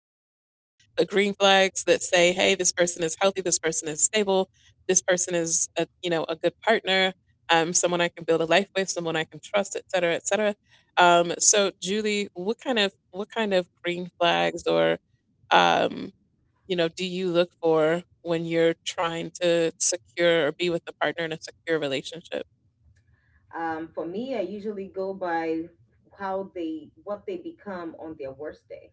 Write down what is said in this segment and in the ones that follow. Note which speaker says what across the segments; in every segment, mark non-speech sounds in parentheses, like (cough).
Speaker 1: that say, "Hey, this person is healthy, this person is stable, this person is a, you know, a good partner, someone I can build a life with, someone I can trust, et cetera, et cetera." So Julie, what kind of green flags or um, you know, do you look for when you're trying to secure or be with a partner in a secure relationship?
Speaker 2: For me, I usually go by how they what they become on their worst day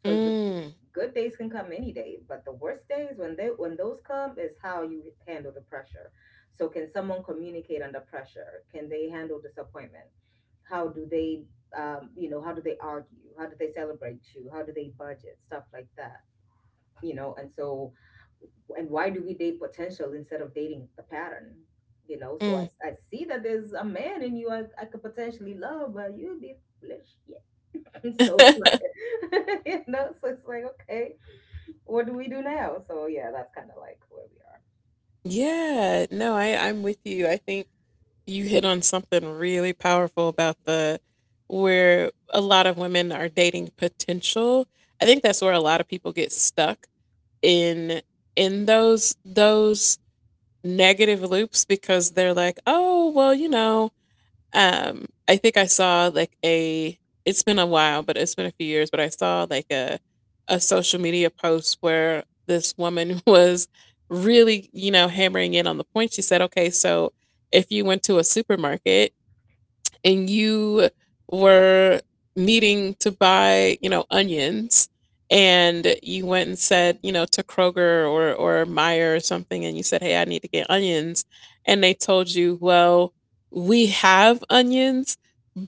Speaker 2: because the
Speaker 1: Mm,
Speaker 2: good days can come any day, but the worst days when they when those come is how you handle the pressure. So, can someone communicate under pressure? Can they handle disappointment? How do they, how do they argue? How do they celebrate you? How do they budget? Stuff like that. And so and why do we date potential instead of dating the pattern? So i,
Speaker 1: mm.
Speaker 2: I see that there's a man in you I could potentially love but you'd be foolish. Yeah. (laughs) And so it's
Speaker 1: (laughs)
Speaker 2: like, (laughs) so it's like, okay, what do we do now? So yeah, that's kind of like where we are.
Speaker 1: Yeah, no, I'm with you. I think you hit on something really powerful about the where a lot of women are dating potential. I think that's where a lot of people get stuck
Speaker 2: Mhm,
Speaker 1: in in those negative loops because they're like, "Oh, well, you know, I think I saw like a it's been a few years, but I saw like a social media post where this woman (laughs) was really, you know, hammering in on the point." She said, "Okay, so if you went to a supermarket and you were needing to buy, you know, onions and you went and said, you know, to Kroger or Meijer or something and you said, 'Hey, I need to get onions.' And they told you, 'Well, we have onions,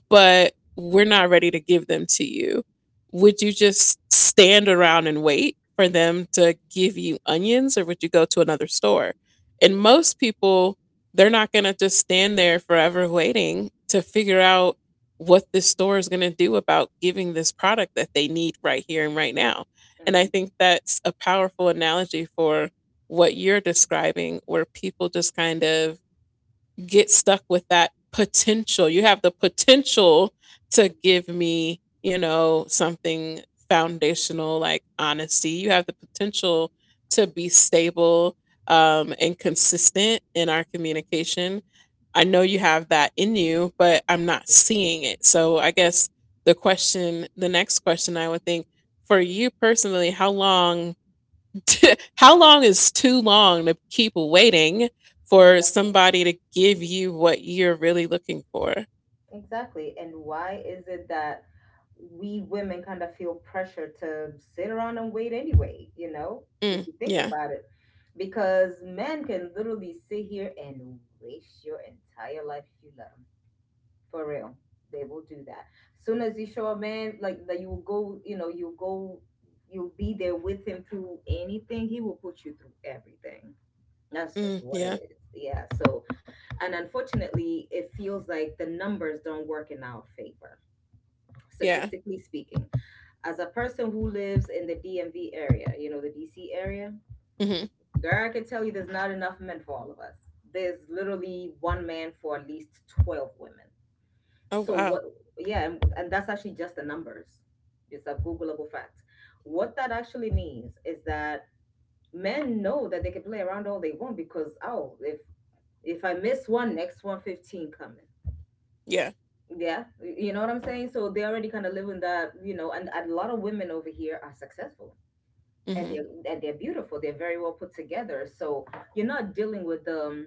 Speaker 1: but we're not ready to give them to you.' Would you just stand around and wait for them to give you onions or would you go to another store?" And most people, they're not going to just stand there forever waiting to figure out what this store is going to do about giving this product that they need right here and right now. And I
Speaker 2: mhm,
Speaker 1: think that's a powerful analogy for what you're describing, where people just kind of get stuck with that potential. You have the potential to
Speaker 2: mhm.
Speaker 1: give me, you know, something foundational like honesty. You have the potential to be stable and consistent in our communication. I know you have that in you, but I'm not seeing it. So I guess the next question I would think for you personally, how long, (laughs) how long is too long to keep waiting for
Speaker 2: Exactly.
Speaker 1: somebody to give you what you're really looking for?
Speaker 2: Exactly. And why is it that we women kind of feel pressure to sit around and wait anyway,
Speaker 1: Mm,
Speaker 2: if you think
Speaker 1: yeah.
Speaker 2: about it? Because men can literally sit here and waste your entire life if you let them. For real. They will do that. Soon as you show a man like that you will go, you'll go, you'll be there with him through anything, he will put you through everything. That's just
Speaker 1: Mm,
Speaker 2: what it
Speaker 1: yeah.
Speaker 2: is. Yeah. So, and unfortunately, it feels like the numbers don't work in our favor,
Speaker 1: Yeah.
Speaker 2: statistically speaking. As a person who lives in the DMV area, the DC area,
Speaker 1: Hmm.
Speaker 2: girl, I can tell you there's not enough men for all of us. There's literally one man for at least 12 women.
Speaker 1: Oh,
Speaker 2: So,
Speaker 1: wow.
Speaker 2: what, yeah, and that's actually just the numbers. It's a Googleable fact. What that actually means is that men know that they can play around all they want because, oh, if I miss one, next 115 coming.
Speaker 1: Yeah.
Speaker 2: Yeah, you know what I'm saying. So they already kind of live in that, and a lot of women over here are successful, and
Speaker 1: Hmm.
Speaker 2: they and they're beautiful. They're very well put together. So you're not dealing with the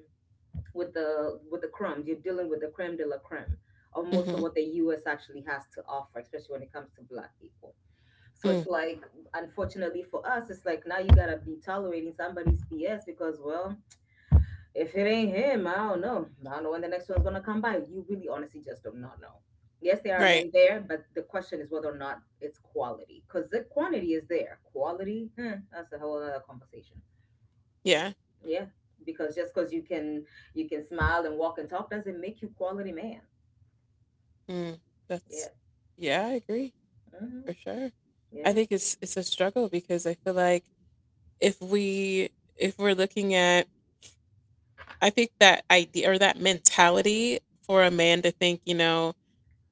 Speaker 2: with the crumbs. You're dealing with the creme de la creme of most of
Speaker 1: Hmm.
Speaker 2: what the U.S. actually has to offer, especially when it comes to Black people. So it's
Speaker 1: Mm,
Speaker 2: like, unfortunately for us, it's like now you gotta be tolerating somebody's BS because well, if it ain't him, I don't know. I don't know when the next one's gonna come by. You really honestly just do not know. Yes, there are
Speaker 1: right.
Speaker 2: men there, but the question is whether or not it's quality. Because the quantity is there. Quality, huh, that's a whole other conversation.
Speaker 1: Yeah.
Speaker 2: Yeah. Because just because you can smile and walk and talk doesn't make you quality man.
Speaker 1: Mm,
Speaker 2: Yeah.
Speaker 1: that's, yeah, I agree
Speaker 2: Mm-hmm.
Speaker 1: for sure. I
Speaker 2: Yeah.
Speaker 1: think it's a struggle because I feel like if we if we're looking at I think that idea or that mentality for a man to think, you know,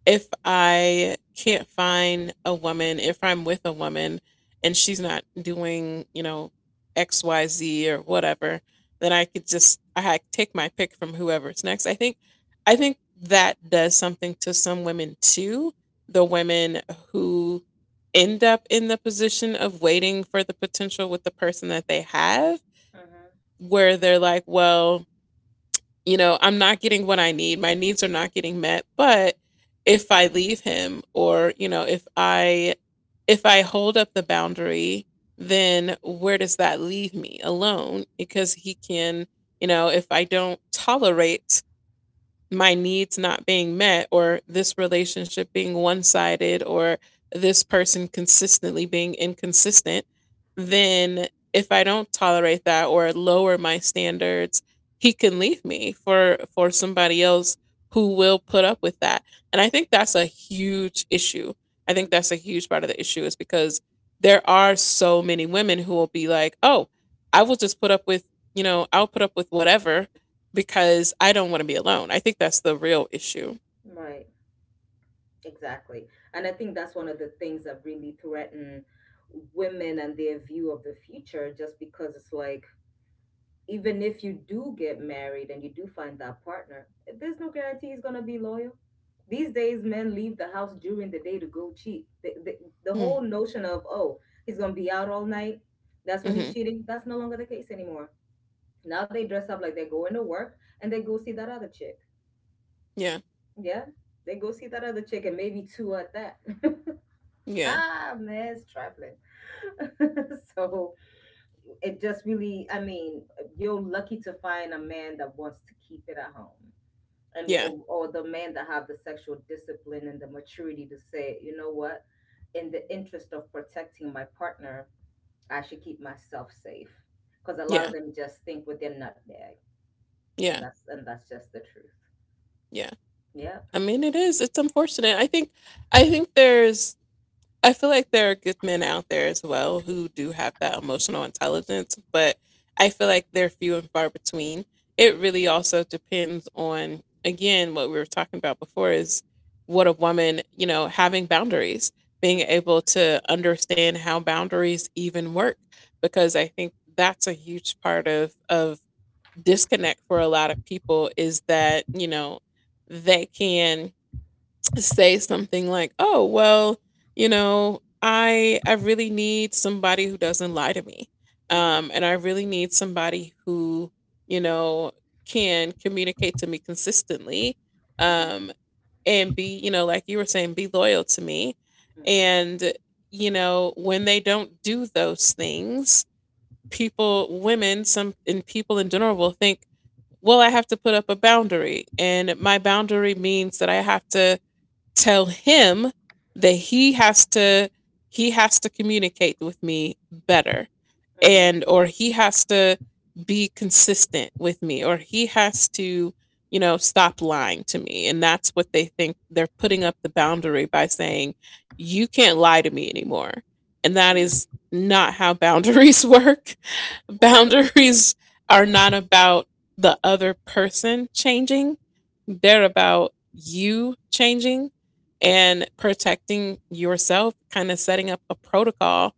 Speaker 1: if I can't find a woman, if I'm with a woman and she's not doing, you know, XYZ or whatever, then I could just I had take my pick from whoever's next. I think that does something to some women too. The women who end up in the position of waiting for the potential with the person that they have
Speaker 2: Mm-hmm.
Speaker 1: where they're like, well, you know, I'm not getting what I need. My needs are not getting met. But if I leave him or, you know, if I hold up the boundary, then where does that leave me? Alone? Because he can, you know, if I don't tolerate my needs not being met or this relationship being one-sided or this person consistently being inconsistent, then if I don't tolerate that or lower my standards, he can leave me for somebody else who will put up with that. And I think that's a huge issue. I think that's a huge part of the issue is because there are so many women who will be like, "Oh, I will just put up with, you know, I'll put up with whatever because I don't want to be alone." I think that's the real issue.
Speaker 2: Hmm. Right. Exactly. And I think that's one of the things that really threaten women and their view of the future just because it's like even if you do get married and you do find that partner, there's no guarantee he's gonna be loyal. These days, men leave the house during the day to go cheat. The whole notion of, oh, he's gonna be out all night, that's when he's
Speaker 1: Mm-hmm.
Speaker 2: cheating, that's no longer the case anymore. Now they dress up like they're going to work and they go see that other chick.
Speaker 1: Yeah,
Speaker 2: Yeah? They go see that other chick and maybe two at that. (laughs)
Speaker 1: yeah,
Speaker 2: Ah, man, it's trifling. (laughs) So, it just really, I mean, you're lucky to find a man that wants to keep it at home and
Speaker 1: yeah,
Speaker 2: or the man that have the sexual discipline and the maturity to say, you know what, in the interest of protecting my partner, I should keep myself safe, because a lot
Speaker 1: yeah,
Speaker 2: of them just think with their nutmeg. and
Speaker 1: yeah,
Speaker 2: that's and that's just the truth.
Speaker 1: yeah.
Speaker 2: Yeah.
Speaker 1: I mean, it is. It's unfortunate. I think there's I feel like there are good men out there as well who do have that emotional intelligence, but I feel like they're few and far between. It really also depends on, again, what we were talking about before is what a woman, you know, having boundaries, being
Speaker 2: Mm-hmm,
Speaker 1: able to understand how boundaries even work, because I think that's a huge part of disconnect for a lot of people is that, you know, they can say something like, "Oh, well, you know, I really need somebody who doesn't lie to me.
Speaker 2: mm-hmm,
Speaker 1: And I really need somebody who, you know, can communicate to me consistently,
Speaker 2: mm-hmm,
Speaker 1: um and be, you know, like you were saying, be loyal to me." And you know, when they don't do those things, people, women, some and people in general will think, "Well, I have to put up a boundary." And my boundary means that I have to tell him that
Speaker 2: mm-hmm,
Speaker 1: he has to communicate with me better
Speaker 2: mm-hmm,
Speaker 1: and or he has to be consistent with me or he has to you know stop lying to me, and that's what they think they're putting up the boundary by saying you can't lie to me anymore, and that is
Speaker 2: mm-hmm.
Speaker 1: not how boundaries (laughs) work.
Speaker 2: Okay.
Speaker 1: Boundaries are not about the other person changing, they're about you changing and protecting yourself, kind of setting up a protocol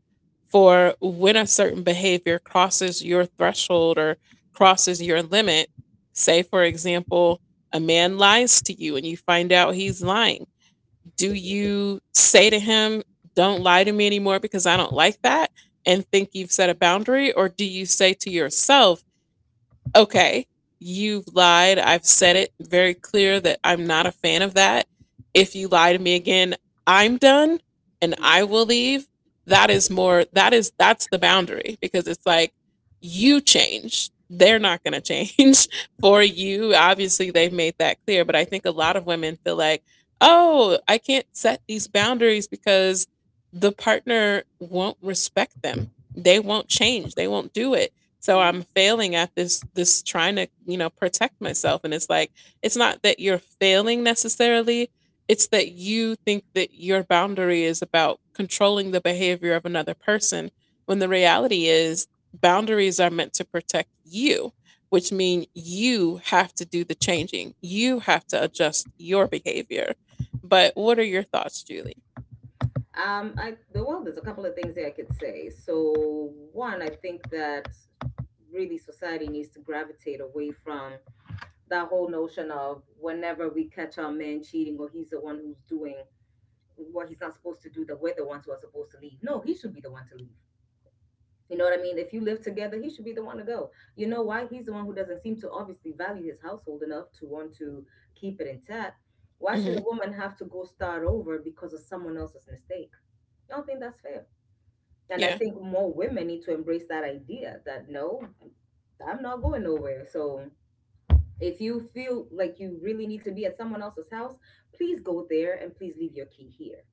Speaker 1: for when a certain behavior crosses your threshold or crosses your limit. Say, for example, a man lies to you and you find out he's lying. Do you say to him, "Don't lie to me anymore because I don't like that?" And think you've set a boundary? Or do you say to yourself, "Okay, you've lied. I've said it very clear that I'm not a fan of that. If you lie to me again, I'm done and
Speaker 2: Mm-hmm.
Speaker 1: I will leave." That is more that is That's the boundary because it's like you change. They're not going to change (laughs) for you. Obviously, they've made that clear, but I think a lot of women feel like, "Oh, I can't set these boundaries because the partner won't respect them. They won't change. They won't do it." So I'm
Speaker 2: Mm-hmm.
Speaker 1: failing at this this trying to, you know, protect myself, and it's like it's not that you're failing necessarily, it's that you think that your boundary is about controlling the behavior of another person when the reality is boundaries are meant to protect you, which mean you have to do the changing. You have to adjust your behavior. But what are your thoughts, Julie?
Speaker 2: I the- well, there's a couple of things that I could say. So, one, I think that really society needs to gravitate away from that whole notion of whenever we catch our man cheating or he's the one who's doing what he's not supposed to do, that we're the ones who are supposed to leave. No, he should be the one to leave. You know what I mean? If you live together, he should be the one to go. You know why? He's the one who doesn't seem to obviously value his household enough to want to keep it intact. Why should
Speaker 1: Hmm.
Speaker 2: a woman have to go start over because of someone else's mistake? I don't think that's fair. And I
Speaker 1: Yeah,
Speaker 2: think more women need to embrace that idea that no, I'm not going nowhere. So if you feel like you really need to be at someone else's house, please go there and please leave your key here.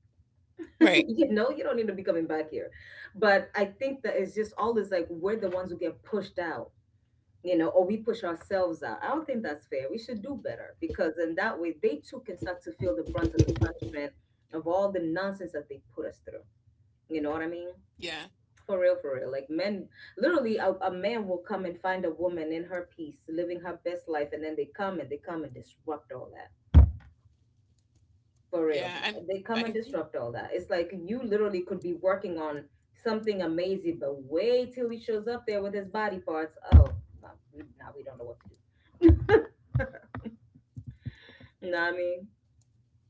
Speaker 2: (laughs)
Speaker 1: right.
Speaker 2: You know, you don't need to be coming back here. But I think that it's just always like we're the ones who get pushed out, or we push ourselves out. I don't think that's fair. We should do better because in that way they too can start to feel the brunt of the punishment of all the nonsense that they put us through. You know what I mean?
Speaker 1: Yeah,
Speaker 2: For real, for real. Like men, literally, a man will come and find a woman in her peace, living her best life, and then they come and disrupt all that. For real,
Speaker 1: yeah.
Speaker 2: they
Speaker 1: I
Speaker 2: come and
Speaker 1: agree.
Speaker 2: disrupt all that. It's like you literally could be working on something amazing, but wait till he shows up there with his body parts. Oh, now we, nah, we don't know what to do. You know what I mean?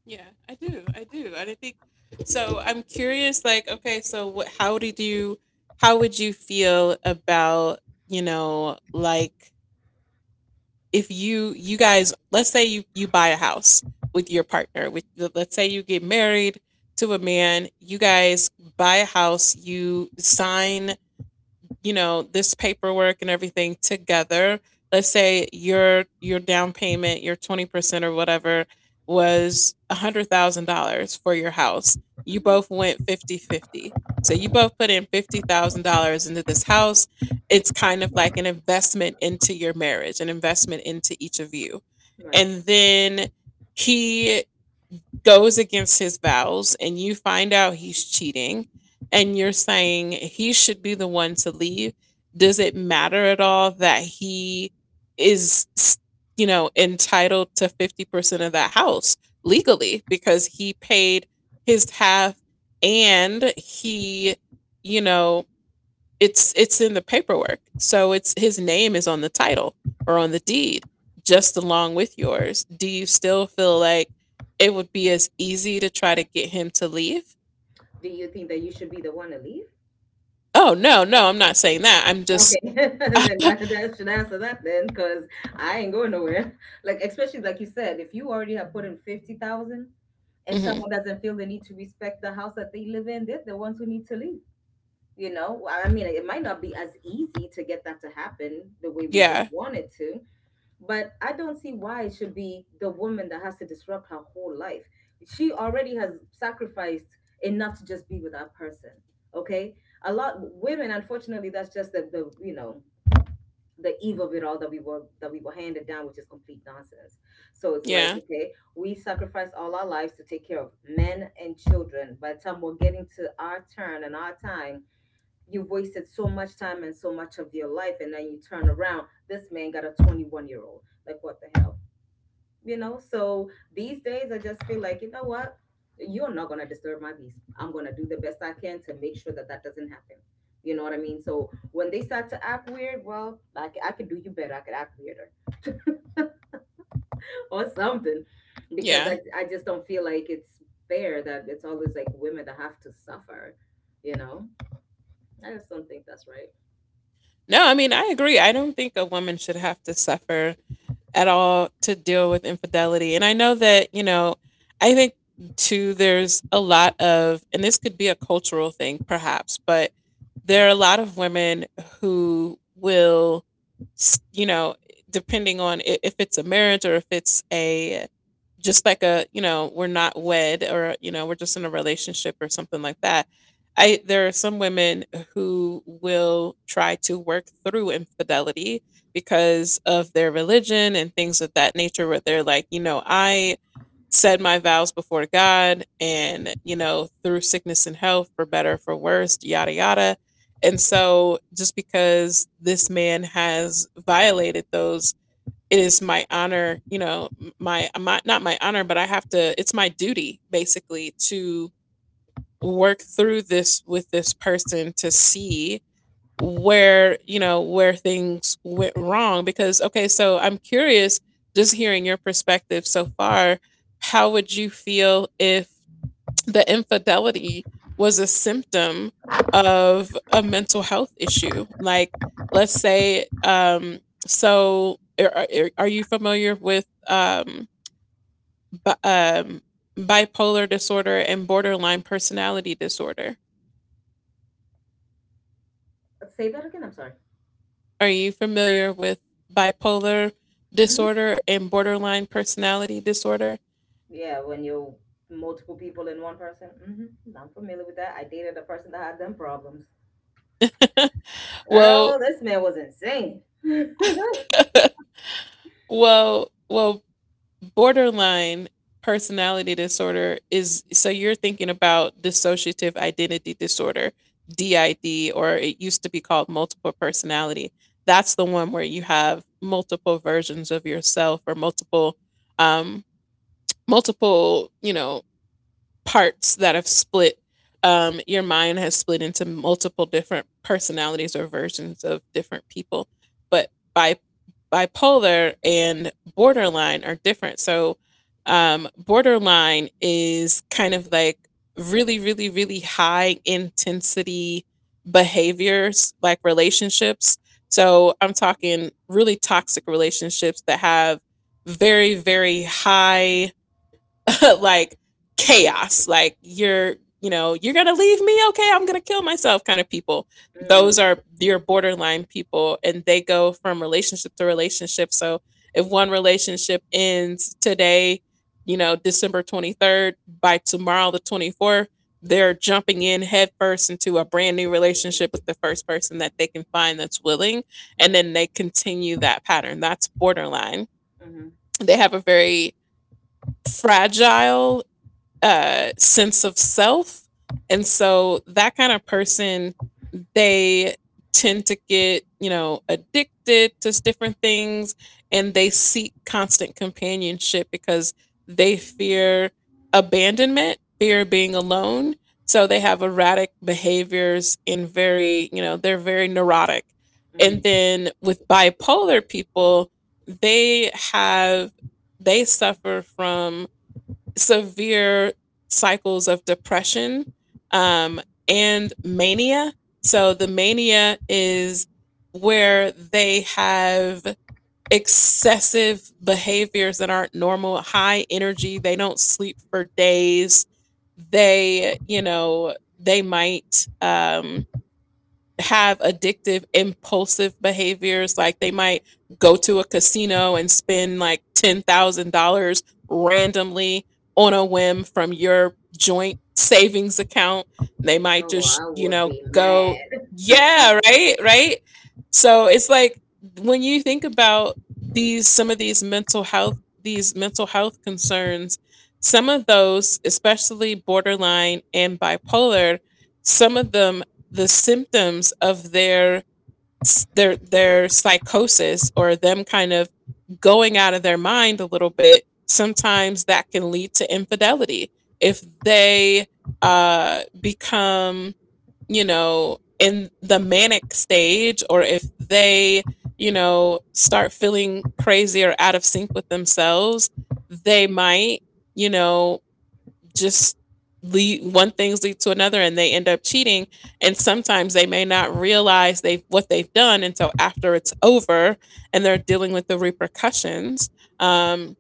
Speaker 1: Yeah, I do. I do. And I think, so I'm curious, like, okay, so what, how did you how would you feel about, you know, like if you you guys let's say you buy a house with your partner, with let's say you get married to a man, you guys buy a house, you sign, you know, this paperwork and everything together. Let's say your down payment, your 20% or whatever was $100,000 for your house.
Speaker 2: Hmm.
Speaker 1: You
Speaker 2: Hmm.
Speaker 1: both went 50 50, so you both put in $50,000 into this house. It's kind of like an investment into your marriage, an investment into each of you.
Speaker 2: Right.
Speaker 1: And then he goes against his vows and you find out he's cheating and you're saying he should be the one to leave, does it matter at all that he is, you know, entitled to 50% of that house legally because he paid his half and he, you know, it's in the paperwork. So it's his name is on the title or on the deed, just along with yours. Do you still feel like it would be as easy to try to get him to leave?
Speaker 2: Do you think that you should be the one to leave?
Speaker 1: Oh no, no, I'm not saying that. I'm
Speaker 2: Okay,
Speaker 1: just
Speaker 2: (laughs) then that should answer that then, because I ain't going nowhere. Like, especially like you said, if you already have put in 50,000 and
Speaker 1: mhm.
Speaker 2: someone doesn't feel the need to respect the house that they live in, they're the ones who need to leave. You know, well, I mean, it might not be as easy to get that to happen the way we would
Speaker 1: Yeah,
Speaker 2: want it to, but I don't see why it should be the woman that has to disrupt her whole life. She already has sacrificed enough to just be with that person. Okay, a lot women, unfortunately, that's just the you know the eve of it all that we were handed down, which is complete nonsense. So it's like,
Speaker 1: yeah,
Speaker 2: okay, we sacrifice all our lives to take care of men and children. By the time we're getting to our turn and our time, you've wasted so much time and so much of your life, and then you turn around, this man got a 21-year-old. Like what the hell? So these days I just feel like, you know what, you're not going to disturb my peace. I'm going to do the best I can to make sure that that doesn't happen, you know what I mean. So when they start to act weird, well I could do you better. I could act weirder (laughs) or something because
Speaker 1: yeah.
Speaker 2: I just don't feel like it's fair that it's always like women that have to suffer, you know I just don't think that's right.
Speaker 1: No, I mean I agree. I don't think a woman should have to suffer at all to deal with infidelity. And I know that, you know, I think too there's a lot of, and this could be a cultural thing perhaps, but there are a lot of women who will s- you know depending on I- if it's a marriage or if it's a just like a you know we're not wed or you know we're just in a relationship or something like that, I there are some women who will try to work through infidelity because of their religion and things of that nature, where they're like, you know, I said my vows before God and, you know, through sickness and health, for better, for worse, yada, yada. And so just because this man has violated those, it is my honor, you know, not my honor, but I have to, it's my duty basically to work through this with this person to see where you know where things went wrong because okay, so I'm curious, just hearing your perspective so far, how would you feel if the infidelity was a symptom of a mental health issue? Like, let's say, so are you familiar with bi- um bipolar disorder and borderline personality disorder?
Speaker 2: Say that again, I'm sorry.
Speaker 1: Are you familiar with bipolar
Speaker 2: Mhm.
Speaker 1: disorder and borderline personality disorder?
Speaker 2: Yeah, when you're multiple people in one person. Hmm. I'm familiar with that. I dated a person that had them problems. Girl,
Speaker 1: Well,
Speaker 2: this man was insane. (laughs)
Speaker 1: well, borderline personality disorder is, so you're thinking about dissociative identity disorder, DID, or it used to be called multiple personality. That's the one where you have multiple versions of yourself or um multiple, you know, parts that have split. Your mind has split into multiple different personalities or versions of different people. But bi- bipolar and borderline are different. So borderline is kind of like really, really, really high intensity behaviors, like relationships. So I'm talking really toxic relationships that have very, very high (laughs) like chaos, like you're, you know, you're going to leave me. Okay, I'm going to kill myself kind of people.
Speaker 2: Mm,
Speaker 1: Those are your borderline people, and they go from relationship to relationship. So if one relationship ends today, you know, December 23rd, by tomorrow, the 24th, they're jumping in headfirst into a brand new relationship with the first person that they can find that's willing. And
Speaker 2: mhm,
Speaker 1: then they continue that pattern. That's borderline.
Speaker 2: mhm,
Speaker 1: They have a very fragile sense of self. And so that kind of person, they tend to get, you know, addicted to different things, and they seek constant companionship because they fear abandonment, fear being alone. So they have erratic behaviors and very, you know, they're very neurotic. And
Speaker 2: mm.
Speaker 1: then with bipolar people, they have, they suffer from severe cycles of depression um, and mania. So the mania is where they have excessive behaviors that aren't normal, high energy, they don't sleep for days. They, you know, they might have addictive impulsive behaviors, like they might go to a casino and spend like $10,000 randomly on a whim from your joint savings account. They might
Speaker 2: Oh,
Speaker 1: just,
Speaker 2: I
Speaker 1: you
Speaker 2: would
Speaker 1: know,
Speaker 2: be
Speaker 1: go.
Speaker 2: mad.
Speaker 1: Yeah, right, right. So it's like, when you think about these some of these mental health concerns, some of those, especially borderline and bipolar, some of them, the symptoms of their their psychosis or them kind of going out of their mind a little bit, sometimes that can lead to infidelity. If they become, you know, in the manic stage, or if they, you know, start feeling crazy or out of sync with themselves, they might, you know, just lead, one things lead to another, and they end up cheating. And sometimes they may not realize they what they've done until after it's over and they're dealing with the repercussions. um,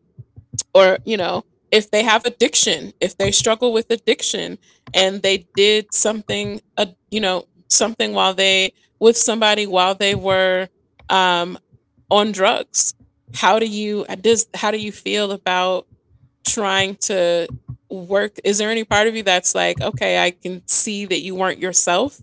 Speaker 1: or, you know, if they have addiction, if they struggle with addiction, and they did something, you know, something while they, with somebody while they were, um, on drugs. How do you feel about trying to work, is there any part of you that's like, okay, I can see that you weren't yourself,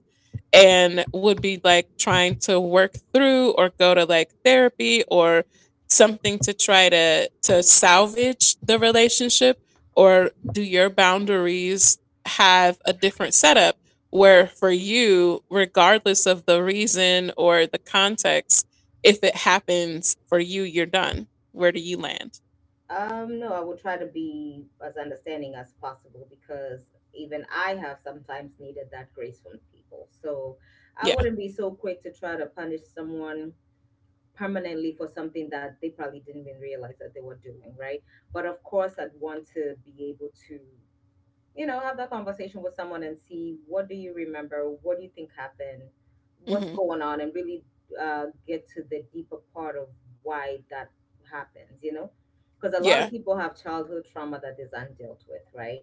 Speaker 1: and would be like trying to work through or go to like therapy or something to try to salvage the relationship? Or do your boundaries have a different setup where for you, regardless of the reason or the context, if it happens, for you, you're done? Where do you land?
Speaker 2: No, I would try to be as understanding as possible because even I have sometimes needed that grace from people. So I
Speaker 1: Yeah.
Speaker 2: wouldn't be so quick to try to punish someone permanently for something that they probably didn't even realize that they were doing, right? But of course, I'd want to be able to, have that conversation with someone and see what do you remember, what do you think happened, what's
Speaker 1: Hmm.
Speaker 2: going on, and really get to the deeper part of why that happens, you know? Because a lot of
Speaker 1: Yeah.
Speaker 2: people have childhood trauma that is undealt with, right?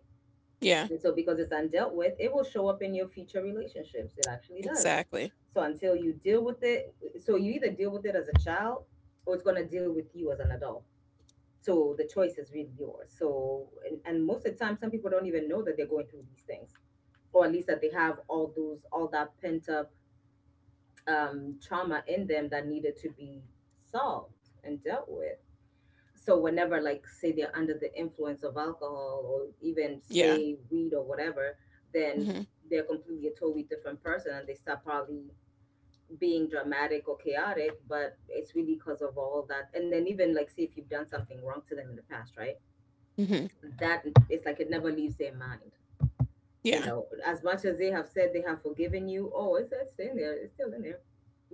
Speaker 1: Yeah,
Speaker 2: And so, because it's undealt with, it will show up in your future relationships. It actually does,
Speaker 1: exactly.
Speaker 2: so until you deal with it, so you either deal with it as a child or it's going to deal with you as an adult. So the choice is really yours. So, and most of the time, some people don't even know that they're going through these things, or at least that they have all those, all that pent up trauma in them that needed to be solved and dealt with. So, whenever, like, say they're under the influence of alcohol or even
Speaker 1: Yeah.
Speaker 2: say weed or whatever, then
Speaker 1: Mhm.
Speaker 2: they're completely a totally different person and they start probably being dramatic or chaotic, but it's really because of all that. And then even like say if you've done something wrong to them in the past, right?
Speaker 1: Mhm.
Speaker 2: That it's like it never leaves their mind. You
Speaker 1: Yeah.
Speaker 2: know, as much as they have said they have forgiven you, oh, it's in there, it's still in there,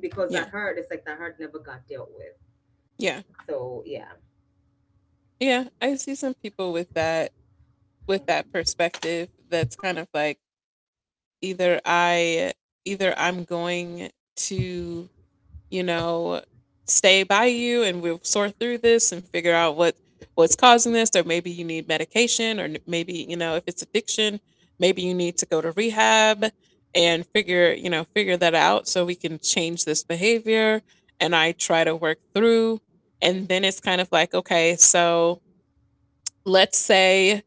Speaker 2: because that
Speaker 1: Yeah.
Speaker 2: hurt, it's like that hurt never got dealt with.
Speaker 1: Yeah.
Speaker 2: So yeah.
Speaker 1: Yeah, I see some people with that, with that
Speaker 2: hmm
Speaker 1: perspective that's kind of like, either I either I'm going to, you know, stay by you and we'll sort through this and figure out what, what's causing this, or maybe you need medication, or maybe, you know, if it's addiction, maybe you need to go to rehab and figure, you know, figure that out so we can change this behavior. And I try to work through. And then it's kind of like, okay, so let's say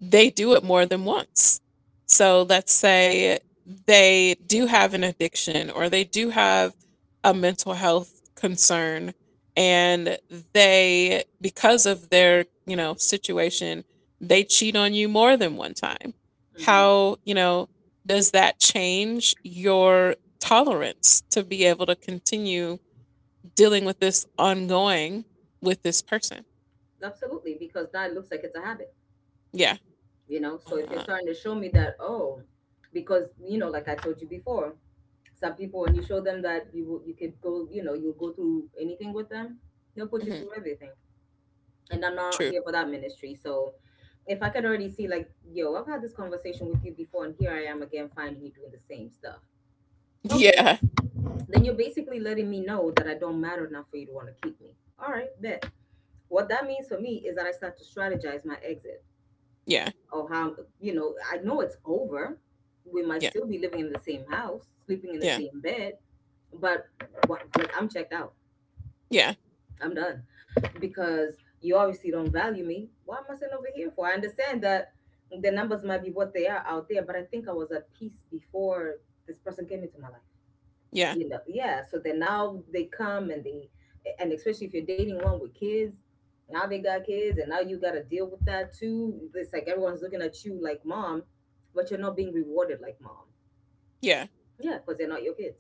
Speaker 1: they do it more than once. So let's say they do have an addiction, or they do have a mental health concern, and they, because of their, you know, situation, they cheat on you more than one time.
Speaker 2: hmm
Speaker 1: How, you know, does that change your tolerance to be able to continue dealing with this ongoing, with this person?
Speaker 2: Absolutely, because now it looks like it's a habit.
Speaker 1: Yeah.
Speaker 2: You know, so if you're
Speaker 1: Uh,
Speaker 2: starting to show me that, oh, because, you know, like I told you before, some people, when you show them that you could go, you know, you'll go through anything with them, they'll put you
Speaker 1: mhm.
Speaker 2: through everything. And I'm not
Speaker 1: True.
Speaker 2: here for that ministry. So if I could already see, like, yo, I've had this conversation with you before and here I am again finding you doing the same stuff,
Speaker 1: (laughs)
Speaker 2: okay,
Speaker 1: Yeah.
Speaker 2: then you're basically letting me know that I don't matter enough for you to want to keep me. All right, bet. What that means for me is that I start to strategize my exit,
Speaker 1: Yeah.
Speaker 2: or how, you know, I know it's over. We might
Speaker 1: Yeah.
Speaker 2: still be living in the same house, sleeping in the
Speaker 1: Yeah.
Speaker 2: same bed, but, what, like, I'm checked out.
Speaker 1: Yeah.
Speaker 2: I'm done. Because you obviously don't value me. Why am I sitting over here for? I understand that the numbers might be what they are out there, but I think I was at peace before this person came into my life.
Speaker 1: Yeah.
Speaker 2: You know. Yeah. So then now they come and they and especially if you're dating one with kids, now they got kids and now you got to deal with that too. It's like, everyone's looking at you like mom, but you're not being rewarded like mom.
Speaker 1: Yeah.
Speaker 2: Yeah, because they're not your kids.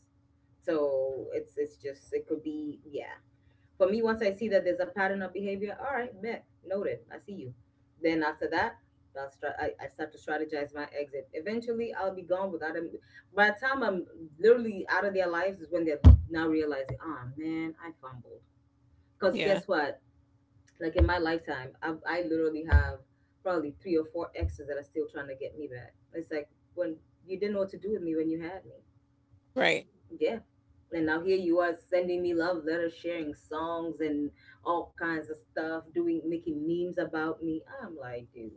Speaker 2: So it's just, it could be, yeah. For me, once I see that there's a pattern of behavior, all right, bet, noted, I see you. Then after that, I start to strategize my exit. Eventually, I'll be gone without them. By the time I'm literally out of their lives, is when they're now realizing, ah, man, I fumbled. Because
Speaker 1: Yeah.
Speaker 2: guess what? Like in my lifetime, I literally have probably three or four exes that are still trying to get me back. It's like when you didn't know what to do with me when you had me.
Speaker 1: Right.
Speaker 2: Yeah. And now here you are sending me love letters, sharing songs and all kinds of stuff, doing making memes about me. I'm like, dude,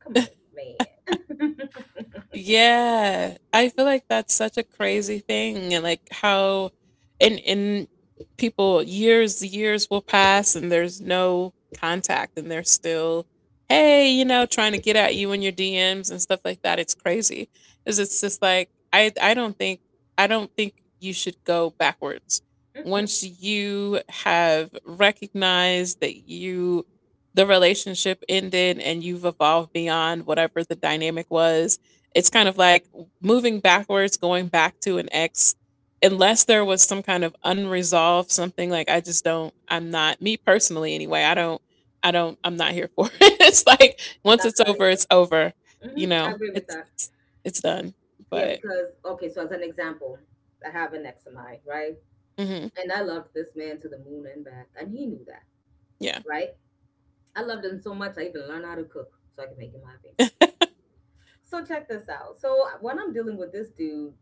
Speaker 2: come on, man. (laughs)
Speaker 1: Yeah, I feel like that's such a crazy thing. And like, how, and people, years will pass and there's no contact and they're still, hey, you know, trying to get at you in your DMs and stuff like that. It's crazy. Cuz it's just like, I don't think, I don't think you should go backwards.
Speaker 2: Mm-mm,
Speaker 1: Once you have recognized that you the relationship ended and you've evolved beyond whatever the dynamic was, it's kind of like moving backwards, going back to an ex, unless there was some kind of unresolved something. Like, I just don't. I'm not, me personally anyway, I don't. I don't. I'm not here for (laughs) it. It's like, once
Speaker 2: I'm
Speaker 1: it's
Speaker 2: not
Speaker 1: over, it's
Speaker 2: either.
Speaker 1: over. You
Speaker 2: I
Speaker 1: know,
Speaker 2: agree with
Speaker 1: it's
Speaker 2: that.
Speaker 1: it's it's done.
Speaker 2: Yeah,
Speaker 1: But
Speaker 2: because okay, so as an example, I have an ex of mine, right?
Speaker 1: hmm.
Speaker 2: And I loved this man to the moon and back, and he knew that,
Speaker 1: Yeah.
Speaker 2: right? I loved him so much I even learned how to cook so I could make him happy. So check this out. So when I'm dealing with this dude,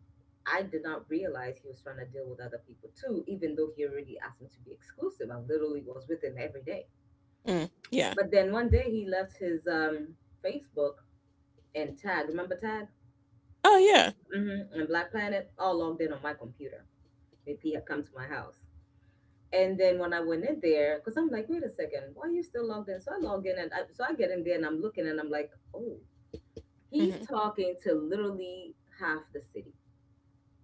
Speaker 2: I did not realize he was trying to deal with other people too, even though he already asked me to be exclusive. I literally was with him every day.
Speaker 1: Mm, yeah.
Speaker 2: But then one day he left his Facebook and Tag. Remember Tag?
Speaker 1: Oh yeah.
Speaker 2: Mm-hmm. And Black Planet, all logged in on my computer. If he had come to my house. And then when I went in there, because I'm like, wait a second, why are you still logged in? So I log in, so I get in there and I'm looking and I'm like, oh, he's
Speaker 1: Hmm.
Speaker 2: talking to literally half the city.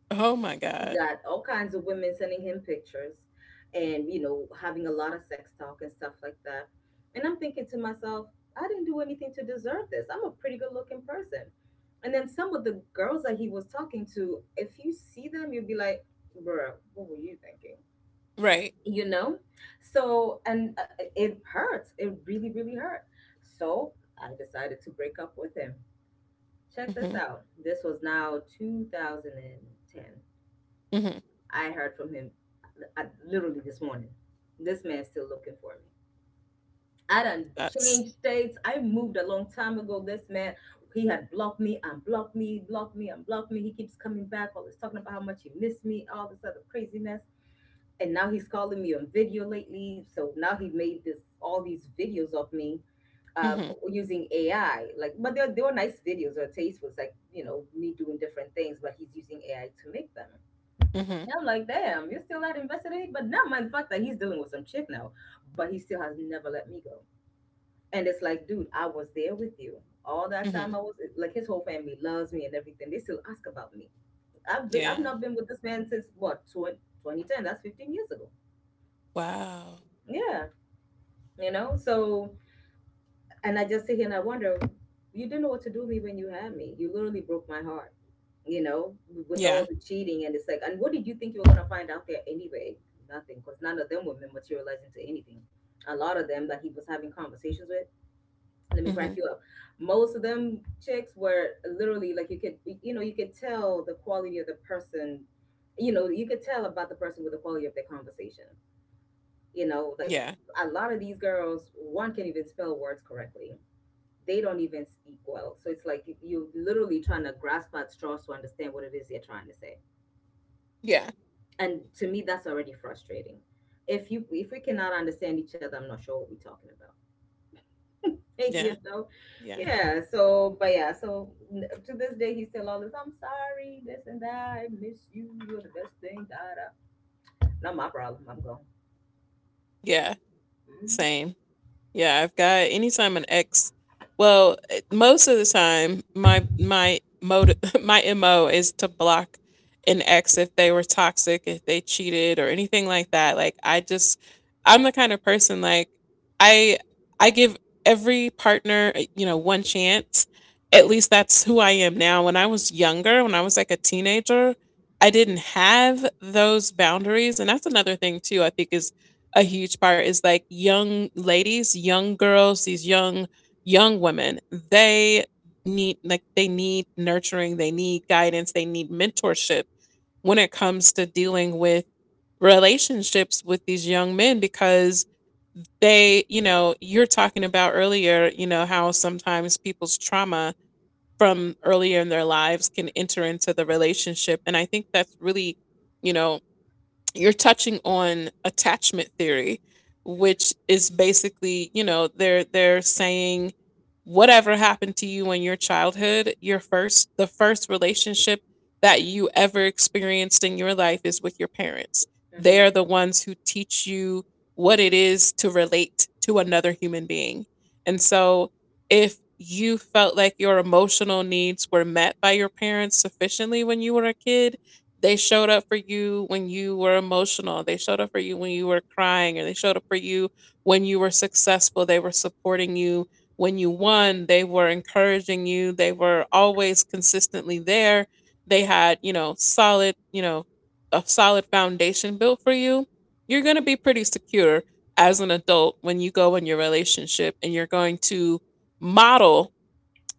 Speaker 1: Oh my god.
Speaker 2: Got all kinds of women sending him pictures and, you know, having a lot of sex talk and stuff like that. And I'm thinking to myself, I didn't do anything to deserve this. I'm a pretty good looking person. And then some of the girls that he was talking to, if you see them, you'd be like, bruh, what were you thinking?
Speaker 1: Right.
Speaker 2: You know? So, and it hurts. It really really hurt. So I decided to break up with him. Check this
Speaker 1: Hmm.
Speaker 2: out, this was now 2010.
Speaker 1: Hmm.
Speaker 2: I heard from him, literally this morning. This man's still looking for me. I done
Speaker 1: That's.
Speaker 2: changed states. I moved a long time ago. This man, he had blocked me and blocked me and blocked me. He keeps coming back, always talking about how much he missed me, all this other craziness. And now he's calling me on video lately. So now he made this all these videos of me um,
Speaker 1: Hmm.
Speaker 2: using AI. Like, but they were nice videos or tasteful. It's like, you know, me doing different things, but he's using AI to make them.
Speaker 1: Hmm.
Speaker 2: Yeah, I'm like, damn, you're still not investigating? But not mind the fact that he's dealing with some chick now, but he still has never let me go. And it's like, dude, I was there with you all that
Speaker 1: Hmm.
Speaker 2: time. I was like, his whole family loves me and everything. They still ask about me. I've
Speaker 1: Yeah.
Speaker 2: not been with this man since, what, 20, 2010? That's 15 years ago.
Speaker 1: Wow.
Speaker 2: Yeah, you know? So. And I just sit here and I wonder, you didn't know what to do with me when you had me. You literally broke my heart, you know, with
Speaker 1: Yeah.
Speaker 2: all the cheating. And it's like, and what did you think you were going to find out there anyway? Nothing, because none of them were materializing to anything. A lot of them that he was having conversations with, let me
Speaker 1: Hmm.
Speaker 2: crack you up. Most of them chicks were literally like, you could, you know, you could tell the quality of the person, you know, you could tell about the person with the quality of their conversation. You know, like,
Speaker 1: Yeah.
Speaker 2: a lot of these girls, one can't even spell words correctly. They don't even speak well. So it's like you're literally trying to grasp at straws to understand what it is they're trying to say.
Speaker 1: Yeah.
Speaker 2: And to me, that's already frustrating. If we cannot understand each other, I'm not sure what we're talking about. (laughs)
Speaker 1: Yeah.
Speaker 2: you know,
Speaker 1: Yeah.
Speaker 2: yeah. So, but yeah. So to this day, he's still all this. I'm sorry, this and that. I miss you. You're the best thing. Da da. Not my problem. I'm gone.
Speaker 1: Yeah.
Speaker 2: Mhm,
Speaker 1: Same. Yeah, I've got, anytime an ex, well, eh, most of the time my mode (laughs) my MO is to block an ex if they were toxic, if they cheated or anything like that. Like, I just, I'm the kind of person, like, I I give every partner, eh, you know, one chance. At least that's who I am now. When I was younger, when I was like a teenager, I
Speaker 2: mhm,
Speaker 1: didn't have those boundaries. And that's another thing too, I think, is a huge part, is like, young ladies, young girls, these young women, they need, like, they need nurturing, they need guidance, they need mentorship when it comes to dealing with relationships with these young men. Because they, you know, you're talking about earlier, you know, how sometimes people's trauma from earlier in their lives can enter into the relationship, and I think that's really, you know, you're touching on attachment theory, which is basically, you know, they're saying whatever happened to you in your childhood, your first, the first relationship that you ever experienced in your life is with your parents.
Speaker 2: mhm,
Speaker 1: They
Speaker 2: mhm,
Speaker 1: are the ones who teach you what it is to relate to another human being. And so if you felt like your emotional needs were met by your parents sufficiently when you were a kid, they showed up for you when you were emotional, they showed up for you when you were crying, or they showed up for you when you were successful. They were supporting you when you won. They were encouraging you. They were always consistently there. They had, you know, solid, you know, a solid foundation built for you. You're going to be pretty secure as an adult when you go in your relationship, and you're going to model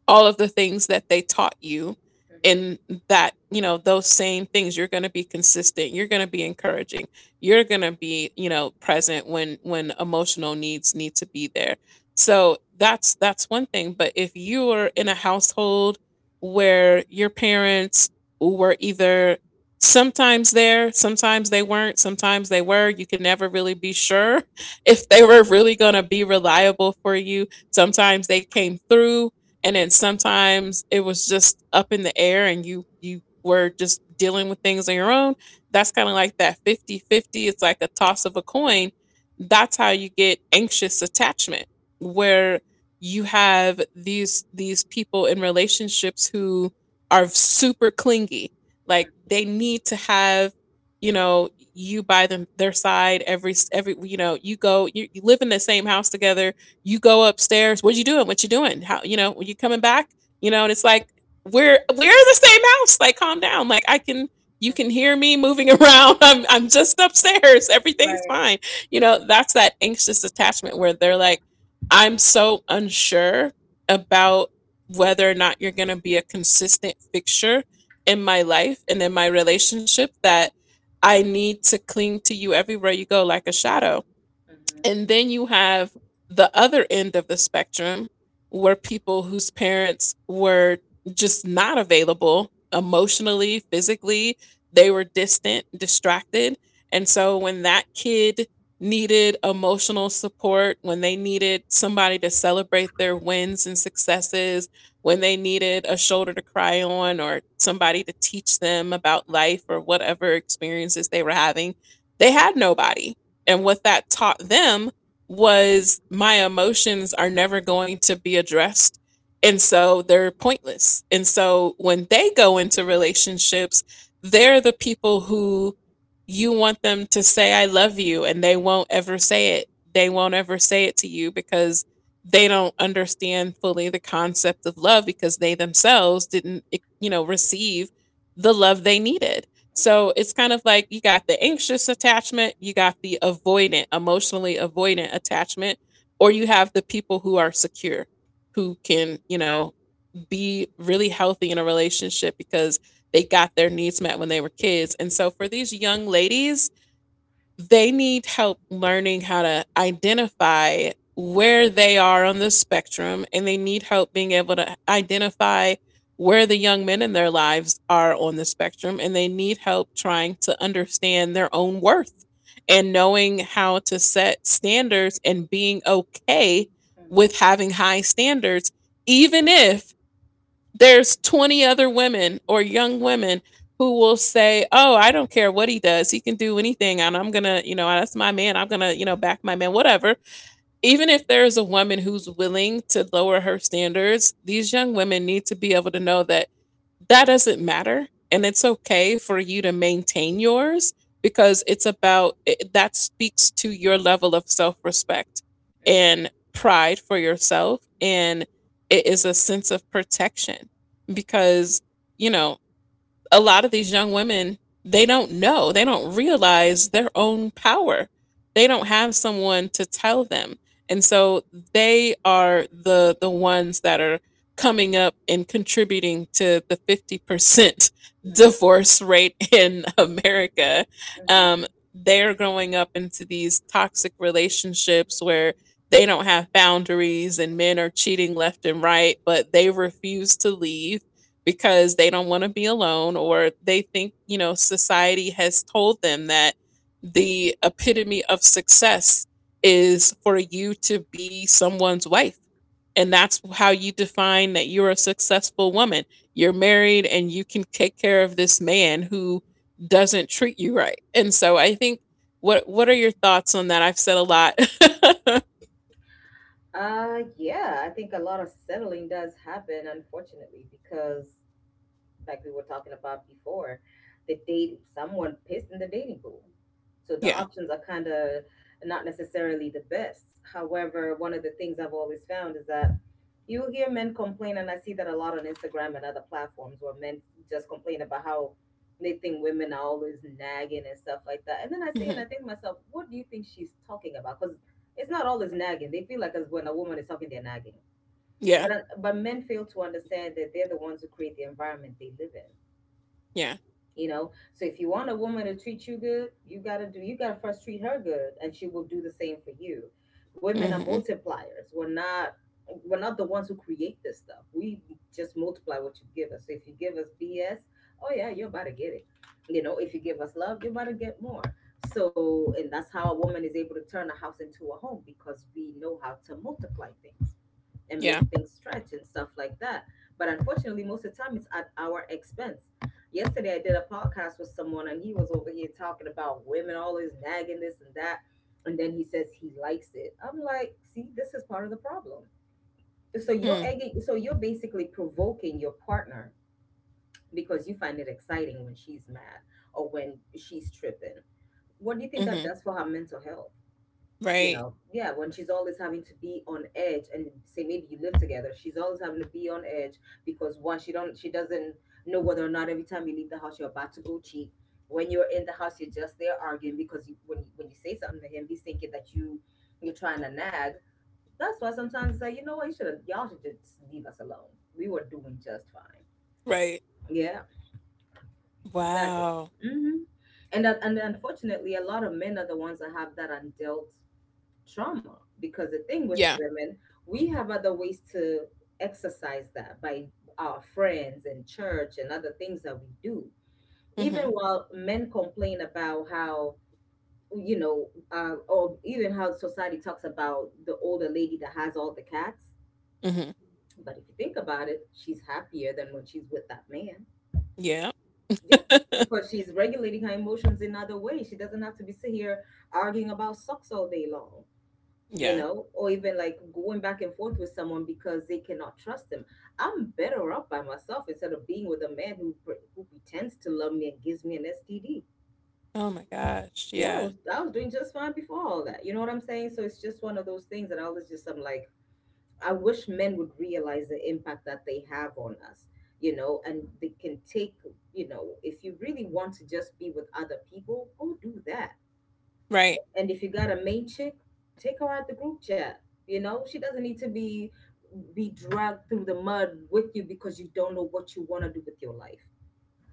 Speaker 1: all of the things that they taught you.
Speaker 2: mhm,
Speaker 1: And that you know, those same things, you're going to be consistent, you're going to be encouraging, you're going to be, you know, present when emotional needs need to be there. So that's one thing. But if you are in a household where your parents were either sometimes there, sometimes they weren't, sometimes they were, you could never really be sure (laughs) if they were really going to be reliable for you, sometimes they came through and then sometimes it was just up in the air and you were just dealing with things on your own. That's kind of like that 50-50. It's like a toss of a coin. That's how you get anxious attachment, where you have these people in relationships who are super clingy, like they need to have, you know, you by them their side every every, you know, you go, you live in the same house together, you go upstairs. What you doing? What you doing? How, you know, are you coming back? You know, and it's like, we're in the same house. Like, calm down. Like, I can you can hear
Speaker 2: mhm.
Speaker 1: me moving (laughs) around. I'm just upstairs. Everything's
Speaker 2: Right.
Speaker 1: fine. You
Speaker 2: Mhm, mhm,
Speaker 1: know, that's that anxious attachment where they're like, I'm so unsure about whether or not you're going to be a consistent fixture in my life and in my relationship, that I need to cling to you everywhere you go like a shadow.
Speaker 2: mhm,
Speaker 1: And then you have the other end of the spectrum, were people whose parents were just not available emotionally, physically. They were distant, distracted. And so when that kid needed emotional support, when they needed somebody to celebrate their wins and successes, when they needed a shoulder to cry on or somebody to teach them about life or whatever experiences they were having, they had nobody. And
Speaker 2: mhm,
Speaker 1: what that taught them was my emotions are never going to be addressed. And so they're pointless. And so when they go into relationships, they're the people who you want them to say, I love you, and they won't ever say it. They won't ever say it to you because they don't understand fully the concept of love because they themselves didn't, you know, receive the love they needed.
Speaker 2: mhm,
Speaker 1: So it's kind of like you got the anxious attachment, you got the avoidant, emotionally avoidant attachment, or you have the people who are secure, who can, you know, be really healthy in a relationship because they got their needs met when they were kids. And so for these young ladies, they need help learning how to identify where they are on the spectrum, and they need help being able to identify where the young men in their lives are on the spectrum, and they need help trying to understand their own worth and knowing how to set standards and being okay
Speaker 2: mhm,
Speaker 1: with having high standards even if there's 20 other women or young women who will say, "Oh, I don't care what he does. He can do anything and I'm going to, you know, that's my man. I'm going to, you know, back my man, whatever." Even if there is a woman who's willing to lower her standards, these young women need to be able to know that that doesn't matter and it's okay for you to maintain yours because it's about it, that speaks to your level of self-respect
Speaker 2: mhm,
Speaker 1: and pride for yourself, and it is a sense of protection because you know a lot of these young women, they don't know, they don't realize their own power. They don't have someone to tell them. And so they are the ones that are coming up and contributing to the 50% (laughs)
Speaker 2: mhm.
Speaker 1: divorce rate in America.
Speaker 2: Mhm.
Speaker 1: Um, they're growing up into these toxic relationships where they don't have boundaries and men are cheating left and right, but they refuse to leave because they don't want to be alone or they think, you know, society has told them that the epitome of success is for you to be someone's wife. And that's how you define that you're a successful woman. You're married and you can take care of this man who doesn't treat you right. And so I think what are your thoughts on that? I've said a lot. (laughs)
Speaker 2: Yeah, I think a lot of settling does happen, unfortunately, because, like we were talking about before, the date someone pissed in the dating pool. So the
Speaker 1: Yeah.
Speaker 2: options are kind of not necessarily the best. However, one of the things I've always found is that you will hear men complain, and I see that a lot on Instagram and other platforms where men just complain about how they think women are always nagging and stuff like that. And then I say,
Speaker 1: Hmm.
Speaker 2: and I think to myself, what do you think she's talking about? Because it's not always nagging. They feel like, as when a woman is talking, they're nagging.
Speaker 1: Yeah.
Speaker 2: But men fail to understand that they're the ones who create the environment they live in.
Speaker 1: Yeah.
Speaker 2: You know, so if you want a woman to treat you good, you got to first treat her good and she will do the same for you. Women are
Speaker 1: Hmm.
Speaker 2: multipliers. We're not the ones who create this stuff. We just multiply what you give us. So if you give us BS, oh yeah, you're about to get it. You know, if you give us love, you're about to get more. So, and that's how a woman is able to turn a house into a home, because we know how to multiply things and make
Speaker 1: Yeah.
Speaker 2: things stretch and stuff like that. But, unfortunately, most of the time it's at our expense. Yesterday, I did a podcast with someone, and he was over here talking about women always nagging this and that. And then he says he likes it. I'm like, see, this is part of the problem. So you're
Speaker 1: Mm-hmm.
Speaker 2: egging, so you're basically provoking your partner because you find it exciting when she's mad or when she's tripping. What do you think that
Speaker 1: Mm-hmm.
Speaker 2: does for her mental health?
Speaker 1: Right.
Speaker 2: Yeah, when she's always having to be on edge and, say, maybe you live together, she's always having to be on edge because, one, she doesn't know whether or not every time you leave the house you're about to go cheat. When you're in the house, you're just there arguing because you, when you say something to him, he's thinking that you're trying to nag. That's why sometimes it's like, you know what, you should have y'all should just leave us alone. We were doing just fine.
Speaker 1: Right.
Speaker 2: Yeah, exactly.
Speaker 1: Wow.
Speaker 2: hmm and unfortunately, a lot of men are the ones that have that undealt trauma, because the thing with
Speaker 1: Yeah.
Speaker 2: women, we have other ways to exercise that by our friends and church and other things that we do, even
Speaker 1: Mhm.
Speaker 2: while men complain about how, or even how society talks about the older lady that has all the cats.
Speaker 1: Mhm.
Speaker 2: But if you think about it, she's happier than when she's with that man.
Speaker 1: Yeah.
Speaker 2: Yeah,
Speaker 1: (laughs)
Speaker 2: because she's regulating her emotions in other ways. She doesn't have to be sit here arguing about socks all day long, you
Speaker 1: Yeah.
Speaker 2: know, or even like going back and forth with someone because they cannot trust them. I'm better off by myself instead of being with a man who pretends to love me and gives me an STD.
Speaker 1: Oh my gosh.
Speaker 2: Yeah, I
Speaker 1: Yeah.
Speaker 2: was I was doing just fine before all that. You know what I'm saying? So it's just one of those things that I was just I'm like, I wish men would realize the impact that they have on us. You know, and they can take, you know, if you really want to just be with other people, go do that.
Speaker 1: Right.
Speaker 2: And if you got a main chick, take her out the group chat. You know, she doesn't need to be dragged through the mud with you because you don't know what you want to do with your life.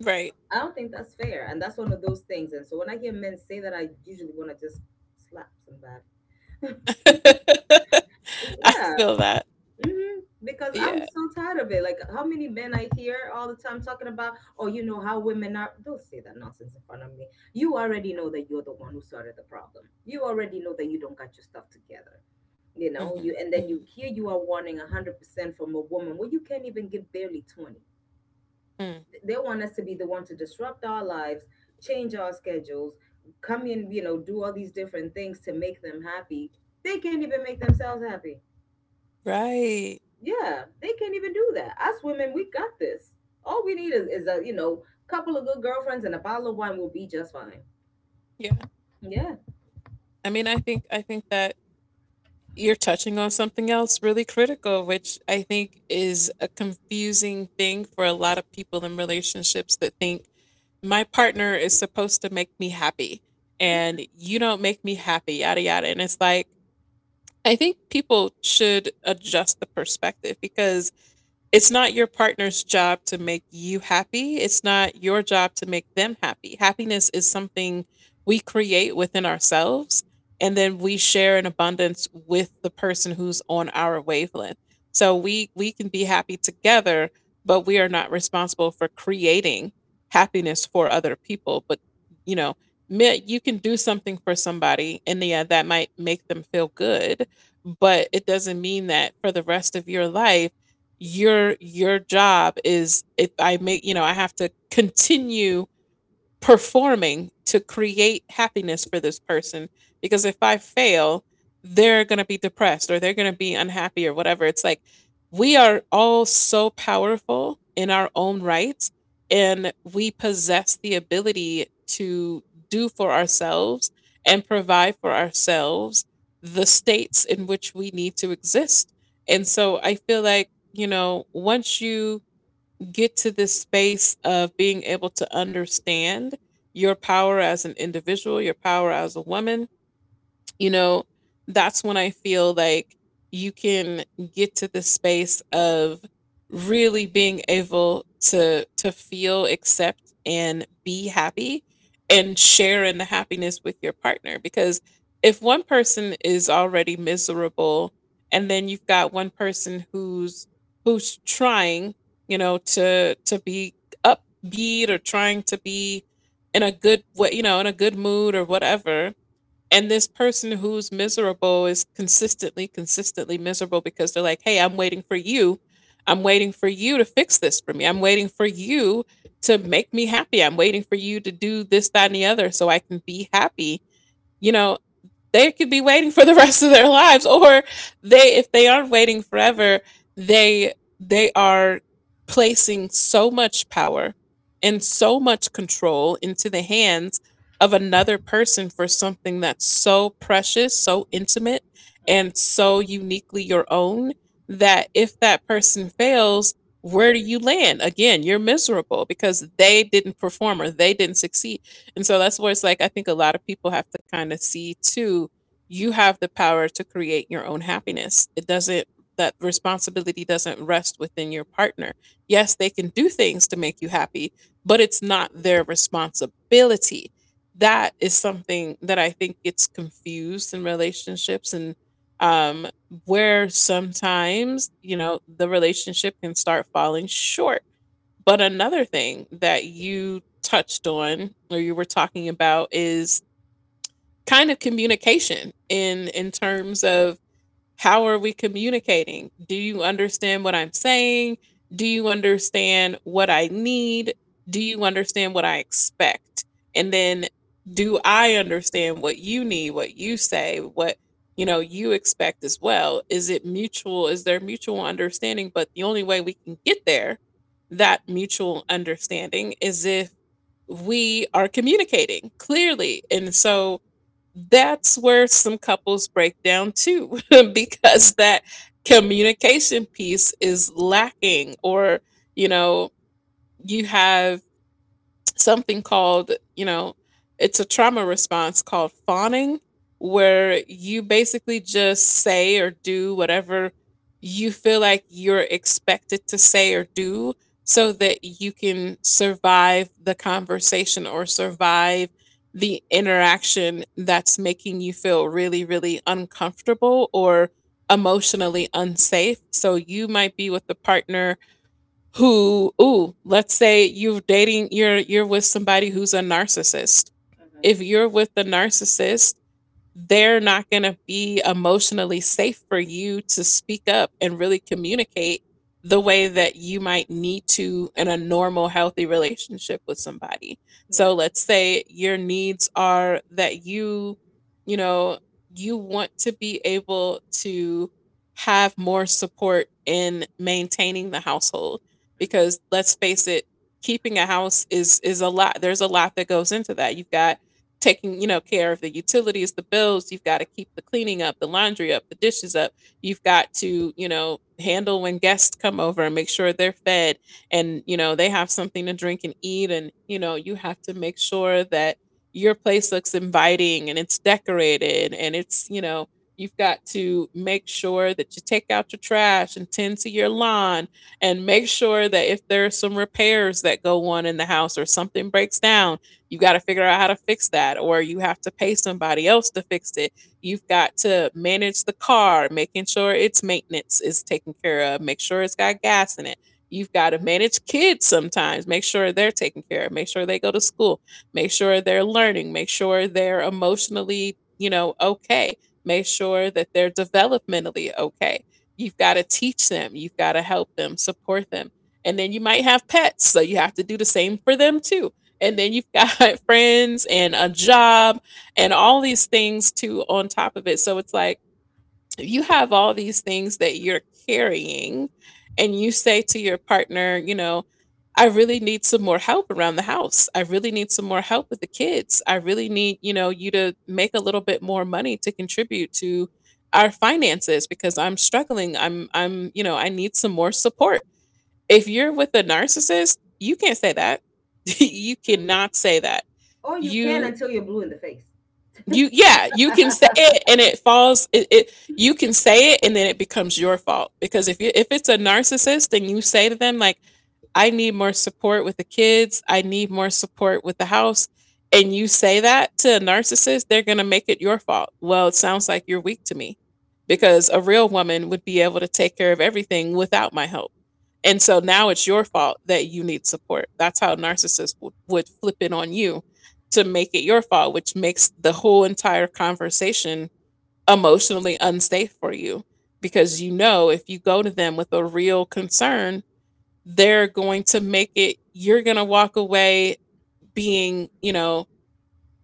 Speaker 1: Right.
Speaker 2: I don't think that's fair, and that's one of those things. And so when I hear men say that, I usually want to just slap somebody. Y-
Speaker 1: (laughs) I
Speaker 2: Yeah,
Speaker 1: feel that.
Speaker 2: because I'm
Speaker 1: Yeah.
Speaker 2: so tired of it. Like, how many men I hear all the time talking about, oh, you know how women are. Don't say that nonsense in front of me. You already know that you're the one who started the problem. You already know that you don't got your stuff together. You know, you
Speaker 1: Mhm.
Speaker 2: and then you
Speaker 1: Mhm.
Speaker 2: here you are wanting 100% from a woman where you can't even give barely 20.
Speaker 1: Mm.
Speaker 2: They want us to be the one to disrupt our lives, change our schedules, come in, you know, do all these different things to make them happy. They can't even make themselves happy.
Speaker 1: Right.
Speaker 2: Yeah, they can't even do that. Us women, we got this. All we need is a, you know, couple of good girlfriends and a bottle of wine will be just fine.
Speaker 1: Yeah.
Speaker 2: Yeah.
Speaker 1: I mean, I think that you're touching on something else really critical, which I think is a confusing thing for a lot of people in relationships that think my partner is supposed to make me happy
Speaker 2: Mm.
Speaker 1: and you don't make me happy, yada yada. And it's like, I think people should adjust the perspective because it's not your partner's job to make you happy. It's not your job to make them happy. Happiness is something we create within ourselves and then we share in abundance with the person who's on our wavelength. So we can be happy together, but we are not responsible for creating happiness for other people, but you know, you can do something for somebody and yeah, that might make them feel good, but it doesn't mean that for the rest of your life your job is if I make you know, I have to continue performing to create happiness for this person because if I fail, they're going to be depressed or they're going to be unhappy or whatever. It's like we are all so powerful in our own rights and we possess the ability to do for ourselves and provide for ourselves the states in which we need to exist. And so I feel like, you know, once you get to this space of being able to understand your power as an individual, your power as a woman, you know, that's when I feel like you can get to the space of really being able to feel, accept, and be happy and share in the happiness with your partner. Because if one person is already miserable and then you've got one person who's trying, you know, to be upbeat or trying to be in a good way, you know, in a good mood or whatever, and this person who's miserable is consistently, consistently miserable because they're like, hey, I'm waiting for you. I'm waiting for you to fix this for me. I'm waiting for you to make me happy. I'm waiting for you to do this, that, and the other so I can be happy. You know, they could be waiting for the rest of their lives, or they if they aren't waiting forever they are placing so much power and so much control into the hands of another person for something that's so precious, so intimate and
Speaker 2: Mm-hmm.
Speaker 1: so uniquely your own, that if that person fails, where do you land? Again, you're miserable because they didn't perform or they didn't succeed. And so that's where it's like, I think a lot of people have to kind of see too, you have the power to create your own happiness. It doesn't, that responsibility doesn't rest within your partner. Yes, they can do things to make you happy, but it's not their responsibility. That is something that I think gets confused in relationships and um where sometimes, you know, the relationship can start falling short. But another thing that you touched on or you were talking about is kind of communication in terms of how are we communicating? Do you understand what I'm saying? Do you understand what I need? Do you understand what I expect? And then do I understand what you need, what you say, what you know you expect as well? Is it mutual? Is there mutual understanding? But the only way we can get there, that mutual understanding, is if we are communicating clearly. And so that's where some couples break down too (laughs) because that communication piece is lacking or you know you have something called, you know, it's a trauma response called fawning, where you basically just say or do whatever you feel like you're expected to say or do so that you can survive the conversation or survive the interaction that's making you feel really, really uncomfortable or emotionally unsafe. So you might be with the partner who ooh, let's say you're dating, you're with somebody who's a narcissist.
Speaker 2: Mm-hmm.
Speaker 1: If you're with the narcissist, they're not going to be emotionally safe for you to speak up and really communicate the way that you might need to in a normal, healthy relationship with somebody. So
Speaker 2: Right.
Speaker 1: let's say your needs are that you know, you want to be able to have more support in maintaining the household,
Speaker 2: Mm-hmm.
Speaker 1: because let's face it, keeping a house is a lot. There's a lot that goes into that. You've got taking, you know, care of the utilities, the bills, you've got to keep the cleaning up, the laundry up, the dishes up, you've got to, you know, handle when guests come over and make sure they're fed, and you know, they have something to drink and eat, and you know, you have to make sure that your place looks inviting and it's decorated and it's, you know, you've got to make sure that you take out your trash and tend to your lawn, and make sure that if there are some repairs that go on in the house or something breaks down, you got to figure out how to fix that or you have to pay somebody else to fix it. You've got to manage the car, making sure its maintenance is taken care of, make sure it's got gas in it. You've got to manage kids sometimes, make sure they're taken care of, make sure they go to school, make sure they're learning, make sure they're emotionally, you know, okay, make sure that they're developmentally okay. You've got to teach them, you've got to help them, support them, and then you might have pets, so you have to do the same for them too. And then you've got (laughs) friends and a job and all these things too on top of it. So it's like you have all these things that you're carrying, and you say to your partner, you know, I really need some more help around the house. I really need some more help with the kids. I really need, you to make a little bit more money to contribute to our finances because I'm struggling. I'm, you know, I need some more support. If you're with a narcissist, you can't say that. (laughs) You
Speaker 2: Mm-hmm.
Speaker 1: cannot say that.
Speaker 2: Or you can
Speaker 1: You
Speaker 2: until you're blue in the face.
Speaker 1: you yeah, you can say it and it falls it, it you can say it and then it becomes your fault because if it's a narcissist and you say to them I need more support with the kids. I need more support with the house. And you say that to a narcissist, they're going to make it your fault. Well, it sounds like you're weak to me
Speaker 2: Mm-hmm.
Speaker 1: because a real woman would be able to take care of everything without my help. And so now it's your fault that you need support. That's how narcissists would flip it on you to make it your fault, which makes the whole entire conversation emotionally unsafe for you because
Speaker 2: Mm-hmm.
Speaker 1: if you go to them with a real concern, they're going to make it you're going to walk away being,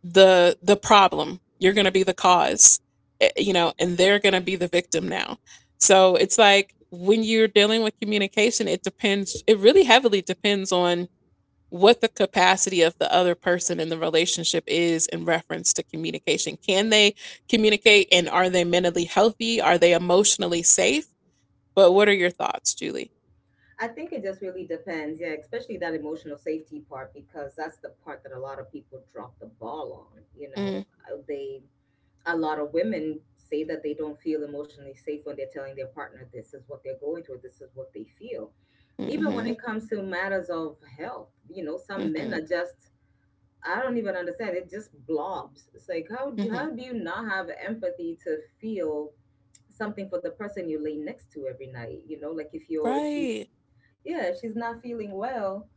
Speaker 1: the problem. You're going to be the cause, and they're going to be the victim now. So it's like when you're dealing with communication, it really heavily depends on what the capacity of the other person in the relationship is in reference to communication. Can they communicate and are they mentally healthy? Are they emotionally safe? But what are your thoughts, Julie?
Speaker 2: I think it just really depends. Yeah, especially that emotional safety part, because that's the part that a lot of people drop the ball on. You know,
Speaker 1: Mm,
Speaker 2: They a lot of women say that they don't feel emotionally safe when they're telling their partner this is what they're going through, this is what they feel. Even when
Speaker 1: mhm,
Speaker 2: it comes to matters of health, you know, some men
Speaker 1: mhm,
Speaker 2: are just, I don't even understand, it just blobs. It's like, how do,
Speaker 1: mhm.
Speaker 2: how do you not have empathy to feel something for the person you lay next to every night? You know, like if she's,
Speaker 1: Right.
Speaker 2: yeah, if she's not feeling well,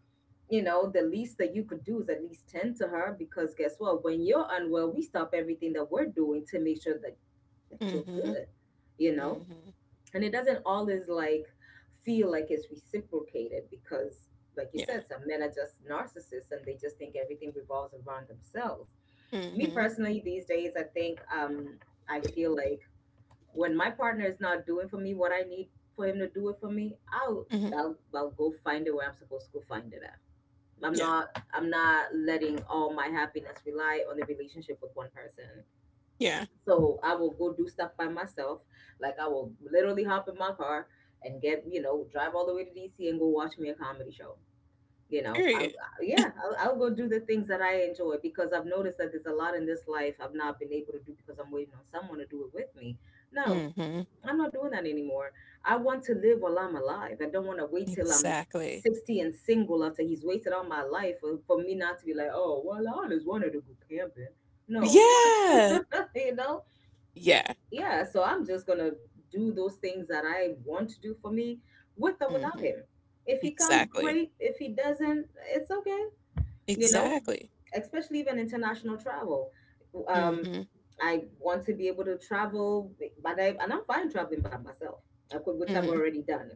Speaker 2: you know, the least that you could do is at least tend to her. Because guess what, when you're unwell, we stop everything that we're doing to make sure that you're
Speaker 1: Mhm.
Speaker 2: good, you know.
Speaker 1: Mhm.
Speaker 2: And it doesn't always like feel like it's reciprocated because, like you
Speaker 1: Yeah.
Speaker 2: said, some men are just narcissists and they just think everything revolves around themselves. Me
Speaker 1: Mhm.
Speaker 2: personally these days, I think, I feel like when my partner is not doing for me what I need for him to do it for me, i'll
Speaker 1: Mhm.
Speaker 2: i'll, I'll go find it where I'm supposed to go find it at. i'm
Speaker 1: Yeah.
Speaker 2: not i'm not letting all my happiness rely on the relationship with one person.
Speaker 1: Yeah.
Speaker 2: So I will go do stuff by myself. Like I will literally hop in my car and get, you know, drive all the way to DC and go watch me a comedy show. You know, I'll,
Speaker 1: Period.
Speaker 2: I- yeah, I'll go do the things that I enjoy because I've noticed that there's a lot in this life I've not been able to do because I'm waiting on someone to do it with me. No,
Speaker 1: Mhm.
Speaker 2: I'm not doing that anymore. I want to live while I'm alive. I don't want to wait till I'm
Speaker 1: Exactly.
Speaker 2: 60 and single after he's wasted all my life for me not to be like, oh, well, I always wanted to go camping. No, I want
Speaker 1: Yeah.
Speaker 2: to, (laughs) you know,
Speaker 1: Yeah.
Speaker 2: yeah, so I'm just gonna do those things that I want to do for me, with or without
Speaker 1: Mhm.
Speaker 2: him. If he comes,
Speaker 1: Exactly.
Speaker 2: great. If he doesn't, it's okay. You know,
Speaker 1: Exactly.
Speaker 2: especially even international travel, um
Speaker 1: Mhm.
Speaker 2: I want to be able to travel, but I and I'm fine traveling by myself. Which I've
Speaker 1: Mhm.
Speaker 2: already done.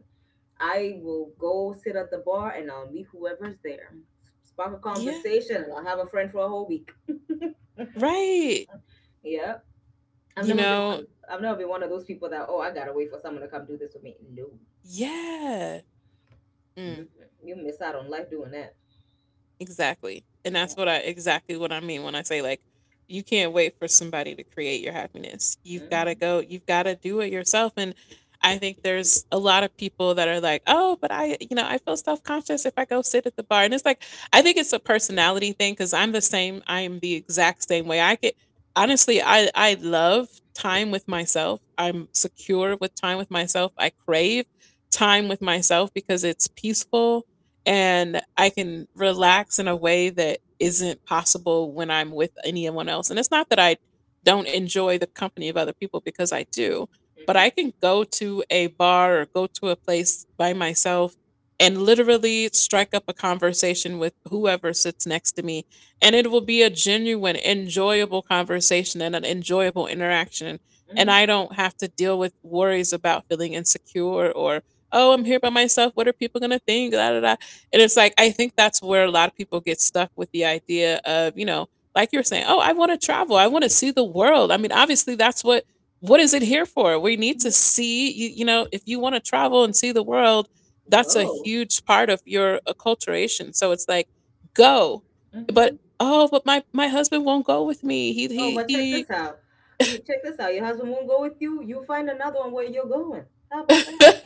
Speaker 2: I will go sit at the bar and I'll meet whoever's there, spark a
Speaker 1: Yeah.
Speaker 2: conversation, and I'll have a friend for a whole week.
Speaker 1: Right.
Speaker 2: (laughs) Yeah. I've
Speaker 1: You
Speaker 2: never been
Speaker 1: know.
Speaker 2: one. I've never been one of those people that, oh, I gotta wait for someone to come do this with me. No.
Speaker 1: Yeah.
Speaker 2: hmm
Speaker 1: Mhm.
Speaker 2: you miss out on life doing that.
Speaker 1: Exactly. And that's
Speaker 2: Yeah.
Speaker 1: what I exactly what I mean when I say you can't wait for somebody to create your happiness.
Speaker 2: Mm-hmm.
Speaker 1: You've got to do it yourself. And I think there's a lot of people that are like, "Oh, but I, you know, I feel self-conscious if I go sit at the bar." And it's like I think it's a personality thing cuz I'm the same, I am the exact same way. I get honestly, I love time with myself. I'm secure with time with myself. I crave time with myself because it's peaceful and I can relax in a way that isn't possible when I'm with anyone else. And it's not that I don't enjoy the company of other people because I do, but
Speaker 2: Mm-hmm.
Speaker 1: I can go to a bar or go to a place by myself and literally strike up a conversation with whoever sits next to me. And it will be a genuine, enjoyable conversation and an enjoyable interaction. And
Speaker 2: Mm-hmm.
Speaker 1: I don't have to deal with worries about feeling insecure or, oh, I'm here by myself. What are people going to think? Da, da, da. And it's like, I think that's where a lot of people get stuck with the idea of, like you're saying, oh, I want to travel. I want to see the world. I mean, obviously, what is it here for? We need to
Speaker 2: Hmm.
Speaker 1: see, if you want to travel and see the world, that's a
Speaker 2: Go.
Speaker 1: huge part of your acculturation. So it's like, go. But,
Speaker 2: hmm
Speaker 1: oh, but my husband won't go with me.
Speaker 2: Oh,
Speaker 1: He,
Speaker 2: but check
Speaker 1: he.
Speaker 2: this out. Check this out. Your husband won't go with you. You find another one where you're going. How about that?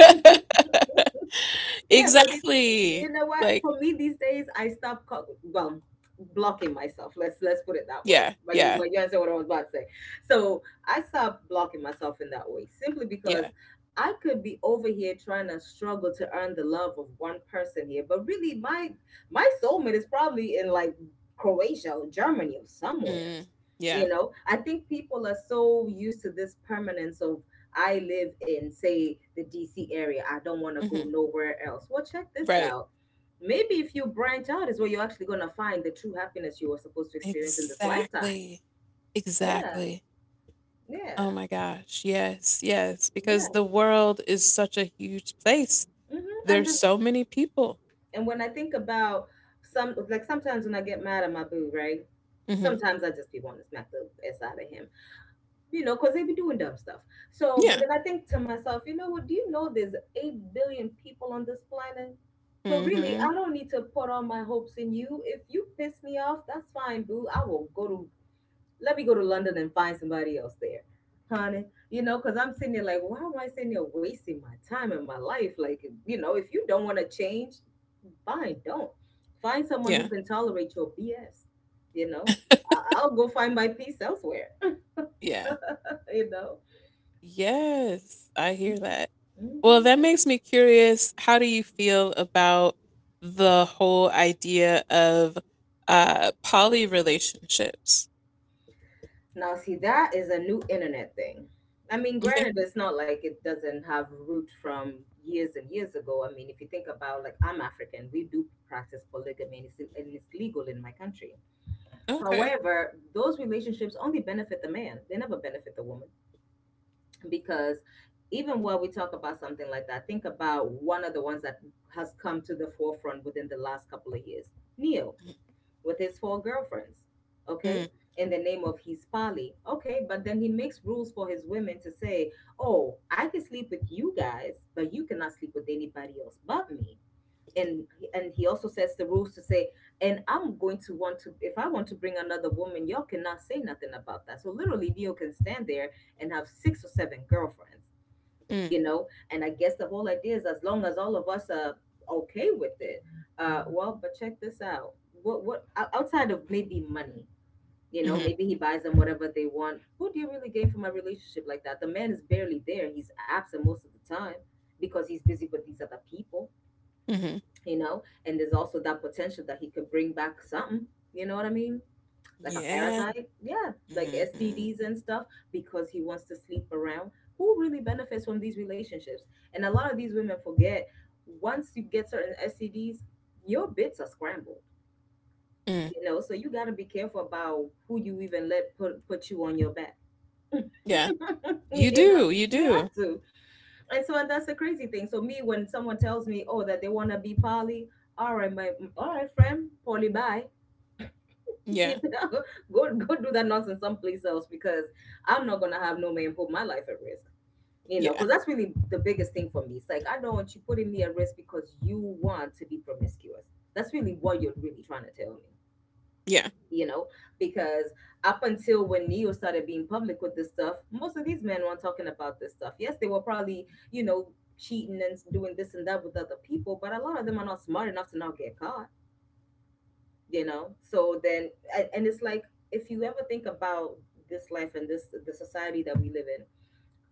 Speaker 1: (laughs)
Speaker 2: Yeah, because it.
Speaker 1: exactly.
Speaker 2: You know what?
Speaker 1: Like,
Speaker 2: For me these days, I stop co- well blocking myself. Let's put it that way.
Speaker 1: yeah,
Speaker 2: But you,
Speaker 1: yeah,
Speaker 2: you understand what I was about to say. So I stopped blocking myself in that way simply because
Speaker 1: yeah.
Speaker 2: I could be over here trying to struggle to earn the love of one person here, but really my soulmate is probably in like Croatia or Germany or somewhere.
Speaker 1: Mm, yeah.
Speaker 2: You know, I think people are so used to this permanence of, I live in, say, the DC area. I don't want to go
Speaker 1: Mhm.
Speaker 2: nowhere else. Well, check this
Speaker 1: Right.
Speaker 2: out. Maybe if you branch out, is where you're actually going to find the true happiness you were supposed to experience in this lifetime.
Speaker 1: Exactly.
Speaker 2: Yeah.
Speaker 1: Exactly.
Speaker 2: Yeah.
Speaker 1: Oh my gosh. Yes. Yes.
Speaker 2: Yeah.
Speaker 1: Because the world is such a huge place.
Speaker 2: And
Speaker 1: There's
Speaker 2: this,
Speaker 1: so many people.
Speaker 2: and when I think about some, like sometimes when I get mad at my boo, right?
Speaker 1: hmm
Speaker 2: Sometimes I just be wanting to smack the s out of him. You know, because they be doing dumb stuff. So, but
Speaker 1: Yeah.
Speaker 2: then I think to myself, you know what? Do you know there's 8 billion people on this planet? So, really,
Speaker 1: hmm
Speaker 2: I don't need to put all my hopes in you. If you piss me off, that's fine, boo. I will go to, let me go to London and find somebody else there, honey. You know, because I'm sitting there like, why am I sitting here wasting my time and my life? Like, you know, if you don't want to change, fine, don't. Find someone who
Speaker 1: Yeah.
Speaker 2: can tolerate your BS, you know? I'll go find my peace elsewhere.
Speaker 1: Yeah.
Speaker 2: (laughs) You know?
Speaker 1: Yes. I hear that. Well,
Speaker 2: Mhm.
Speaker 1: that makes me curious. How do you feel about the whole idea of poly relationships?
Speaker 2: Now, see, that is a new internet thing. I mean,
Speaker 1: You think?
Speaker 2: granted, it's not like it doesn't have root from years and years ago. I mean, if you think about, like, I'm African, we do practice polygamy, and it's legal in my country.
Speaker 1: Okay.
Speaker 2: However, those relationships only benefit the man; they never benefit the woman, because even while we talk about something like that, think about one of the ones that has come to the forefront within the last couple of years, Neo, with his 4 girlfriends.
Speaker 1: Mm,
Speaker 2: Okay, in the name of he's poly, okay, but then he makes rules for his women to say, oh, I can sleep with you guys, but you cannot sleep with anybody else but me. And, and he also sets the rules to say, and I'm going to want to, if I want to bring another woman, y'all cannot say nothing about that. So literally, Neo can stand there and have six or seven girlfriends.
Speaker 1: mm,
Speaker 2: And I guess the whole idea is, as long as all of us are okay with it. Well, but check this out. Outside of maybe money,
Speaker 1: hmm
Speaker 2: maybe he buys them whatever they want, what do you really gain from a relationship like that? The man is barely there, he's absent most of the time because he's busy with these other people.
Speaker 1: hmm
Speaker 2: And there's also that potential that he could bring back something, you know what I mean? Like a
Speaker 1: Yeah.
Speaker 2: parasite, yeah, like
Speaker 1: hmm
Speaker 2: STDs and stuff, because he wants to sleep around. Who really benefits from these relationships? And a lot of these women forget, once you get certain STDs your bits are scrambled.
Speaker 1: Mm,
Speaker 2: You know, so you got to be careful about who you even let put you on your back. (laughs)
Speaker 1: yeah. You
Speaker 2: You know,
Speaker 1: do. You
Speaker 2: you
Speaker 1: do.
Speaker 2: have to. And and that's the crazy thing. So me, when someone tells me, oh, that they want to be poly, all right, my, all right, friend, poly, bye.
Speaker 1: Yeah.
Speaker 2: (laughs) Go do that nonsense someplace else, because I'm not gonna have no man put my life at risk. You know,
Speaker 1: Yeah.
Speaker 2: because that's really the biggest thing for me. It's like, I don't want you putting me at risk because you want to be promiscuous. That's really what you're really trying to tell me.
Speaker 1: Yeah.
Speaker 2: You know, because up until when Neo started being public with this stuff, most of these men weren't talking about this stuff. Yes, they were probably, you know, cheating and doing this and that with other people, but a lot of them are not smart enough to not get caught. You know, so then and it's like, if you ever think about this life and this the society that we live in,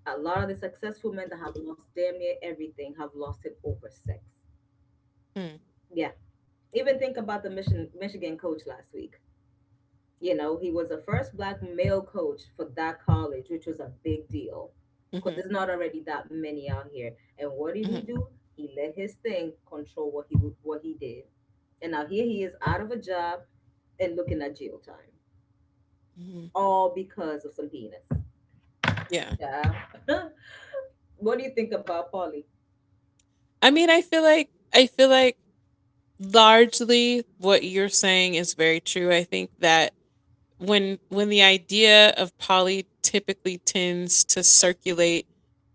Speaker 2: a lot of the successful men that have lost damn near everything have lost it over sex.
Speaker 1: Mm,
Speaker 2: Yeah. Even think about the Michigan coach last week. You know, he was the first black male coach for that college, which was a big deal, because
Speaker 1: mhm,
Speaker 2: there's not already that many out here. And what did he
Speaker 1: mhm,
Speaker 2: do? He let his thing control what he what he did. And now here he is, out of a job and looking at jail time,
Speaker 1: mhm.
Speaker 2: all because of some penis.
Speaker 1: Yeah.
Speaker 2: Yeah. (laughs) What do you think about poly?
Speaker 1: I mean, I feel like largely what you're saying is very true. I think that when the idea of poly typically tends to circulate,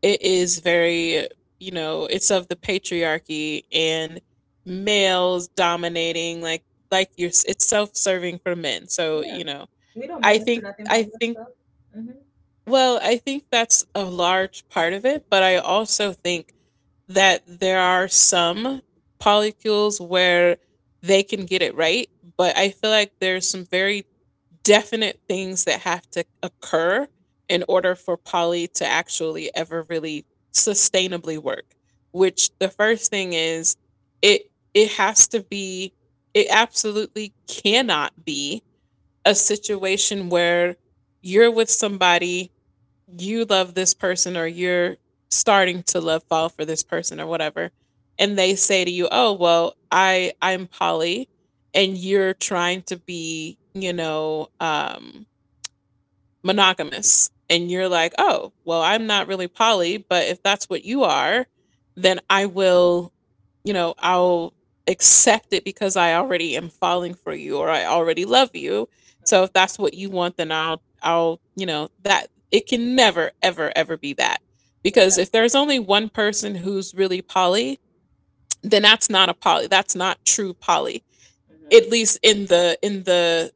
Speaker 1: it is very, it's of the patriarchy and males dominating like it's self-serving for men. So,
Speaker 2: Yeah,
Speaker 1: you know,
Speaker 2: we don't
Speaker 1: I
Speaker 2: benefit
Speaker 1: think
Speaker 2: nothing
Speaker 1: I
Speaker 2: from that
Speaker 1: think
Speaker 2: stuff. Hmm.
Speaker 1: Well, I think that's a large part of it, but I also think that there are some polycules where they can get it right, but I feel like there's some very definite things that have to occur in order for poly to actually ever really sustainably work, which the first thing is it it has to be it absolutely cannot be a situation where you're with somebody you love this person or you're starting to love fall for this person or whatever and they say to you oh well I'm polly and you're trying to be monogamous and you're like, "Oh, well, I'm not really poly, but if that's what you are, then I will, I'll accept it because I already am falling for you or I already love you. So if
Speaker 2: Hmm.
Speaker 1: that's what you want, then I'll you know, that it can never ever ever be that. Because if
Speaker 2: Exactly.
Speaker 1: there's only one person who's really poly, then that's not a poly. That's not true poly.
Speaker 2: Hmm.
Speaker 1: At least in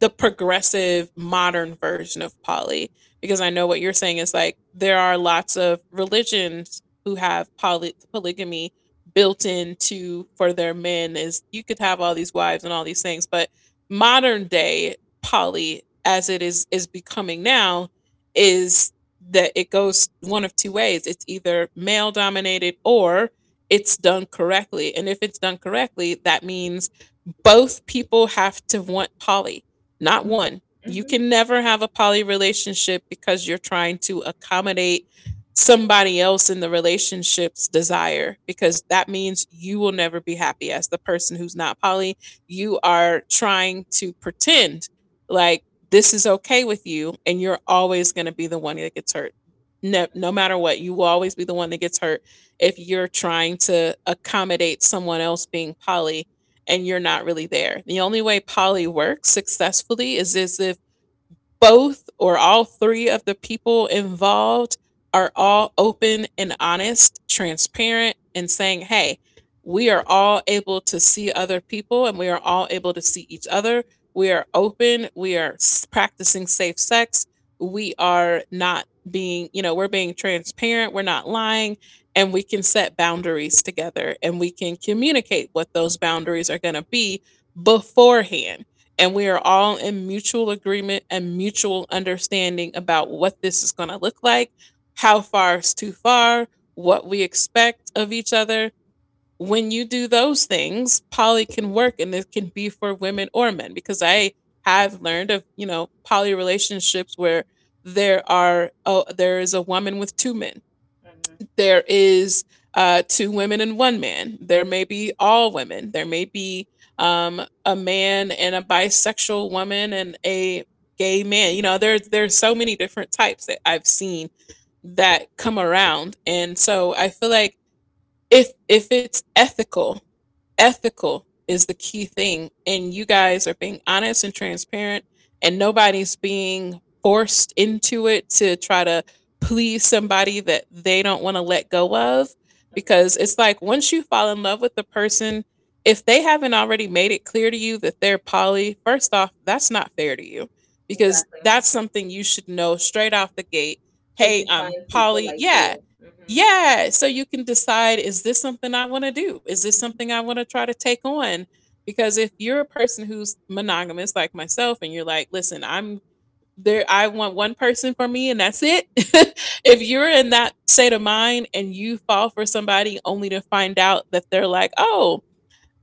Speaker 1: the progressive modern version of poly because I know what you're saying is like there are lots of religions who have polygamy built into for their men is you could have all these wives and all these things but modern day poly as it is becoming now is that it goes one of two ways, it's either male dominated or it's done correctly, and if it's done correctly that means both people have to want poly, not
Speaker 2: Hmm.
Speaker 1: one. You
Speaker 2: Hmm.
Speaker 1: can never have a poly relationship because you're trying to accommodate somebody else in the relationship's desire because that means you will never be happy as the person who's not poly. You are trying to pretend like this is okay with you and you're always going to be the one that gets hurt. No, no matter what, you will always be the one that gets hurt if you're trying to accommodate someone else being poly and you're not really there. The only way poly works successfully is if both or all three of the people involved are all open and honest, transparent, and saying, hey, we are all able to see other people and we are all able to see each other. We are open. We are practicing safe sex. We are not being, you know, we're being transparent. We're not lying. And we can set boundaries together and we can communicate what those boundaries are going to be beforehand and we are all in mutual agreement and mutual understanding about what this is going to look like, how far is too far, what we expect of each other. When you do those things, poly can work and it can be for women or men because I have learned of, you know, poly relationships where there are oh, there is a woman with two men.
Speaker 2: Hmm.
Speaker 1: There is two women and one man. There may be all women. There may be a man and a bisexual woman and a gay man. You know, there's so many different types that I've seen that come around, and so I feel like if it's ethical. Ethical is the key thing. And you guys are being honest and transparent, and nobody's being forced into it to try to please somebody that they don't want to let go of. Because it's like once you fall in love with the person, if they haven't already made it clear to you that they're poly, first off, that's not fair to you because
Speaker 2: Exactly.
Speaker 1: that's something you should know straight off the gate.
Speaker 2: So you
Speaker 1: Hey,
Speaker 2: can
Speaker 1: I'm
Speaker 2: find people
Speaker 1: poly.
Speaker 2: like
Speaker 1: Yeah,
Speaker 2: you. Hmm.
Speaker 1: yeah, so you can decide is this something I want to do? Is this something I
Speaker 2: Hmm.
Speaker 1: want to try to take on? Because if you're a person who's monogamous like myself and you're like, "Listen, I'm there I want one person for me and that's it." (laughs) if you're in that state of mind and you fall for somebody only to find out that they're like, "Oh,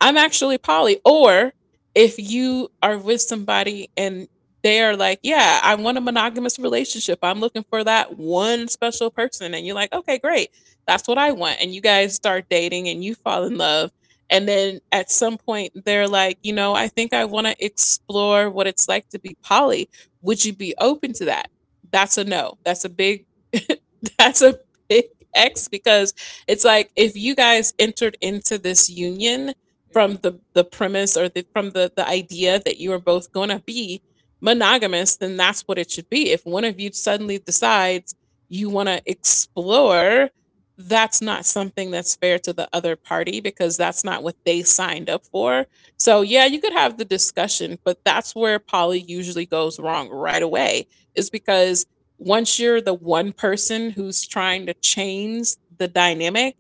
Speaker 1: I'm actually poly. Or if you are with somebody and they're like, yeah, I want a monogamous relationship. I'm looking for that one special person. And you're like, okay, great. That's what I want. And you guys start dating and you fall in love. And then at some point, they're like, you know, I think I want to explore what it's like to be poly. Would you be open to that? That's a no. That's a big, (laughs) that's a big X because it's like if you guys entered into this union from
Speaker 2: Hmm.
Speaker 1: the premise or from the idea that you are both going to be monogamous, then that's what it should be. If one of you suddenly decides you want to explore, that's not something that's fair to the other party because that's not what they signed up for. So yeah, you could have the discussion, but that's where poly usually goes wrong right away is because once you're the one person who's trying to change the dynamic,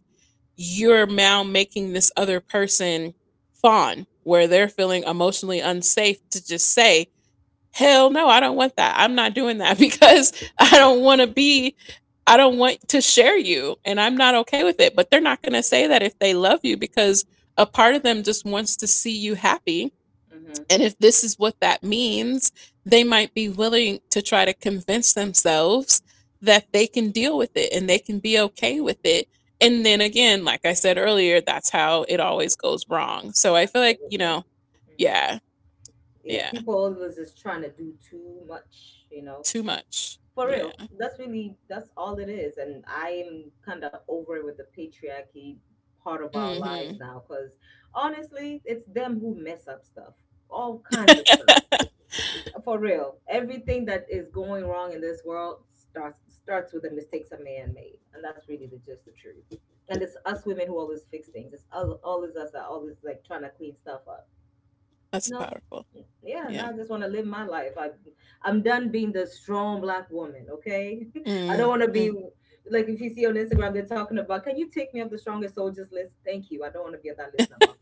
Speaker 1: you're now making this other person fawn where they're feeling emotionally unsafe to just say, hell no, I don't want that. I'm not doing that (laughs) because I don't want
Speaker 2: Exactly.
Speaker 1: to be, I don't want to share you and I'm not okay with it. But they're not going to say that if they love you because a part of them just wants to see you happy
Speaker 2: Hmm.
Speaker 1: and if this is what that means, they might be willing to try to convince themselves that they can deal with it and they can be okay with it. And then again, like I said earlier, that's how it always goes wrong. So I feel like,
Speaker 2: Absolutely. Hmm.
Speaker 1: yeah,
Speaker 2: Yeah,
Speaker 1: yeah,
Speaker 2: people always just trying to do too much, you know.
Speaker 1: too much.
Speaker 2: For
Speaker 1: Yeah.
Speaker 2: real, that's really that's all it is, and I am kind of over it with the patriarchy part of our lives
Speaker 1: hmm
Speaker 2: now. Because honestly, it's them who mess up stuff, all kinds of
Speaker 1: (laughs)
Speaker 2: stuff. For real, everything that is going wrong in this world starts with the mistakes a man made, and that's really the just the truth. And it's us women who always fix things. It's all always us that always like trying to clean stuff up.
Speaker 1: that's
Speaker 2: No.
Speaker 1: powerful.
Speaker 2: Yeah, no,
Speaker 1: Yeah.
Speaker 2: I just want to live my life. I, I'm done being the strong black woman, okay? (laughs) I
Speaker 1: Mm
Speaker 2: don't want to be,
Speaker 1: mm.
Speaker 2: like, if you see on Instagram, they're talking about, can you take me off the strongest soldiers list? Thank you. I don't want to be on that list no more.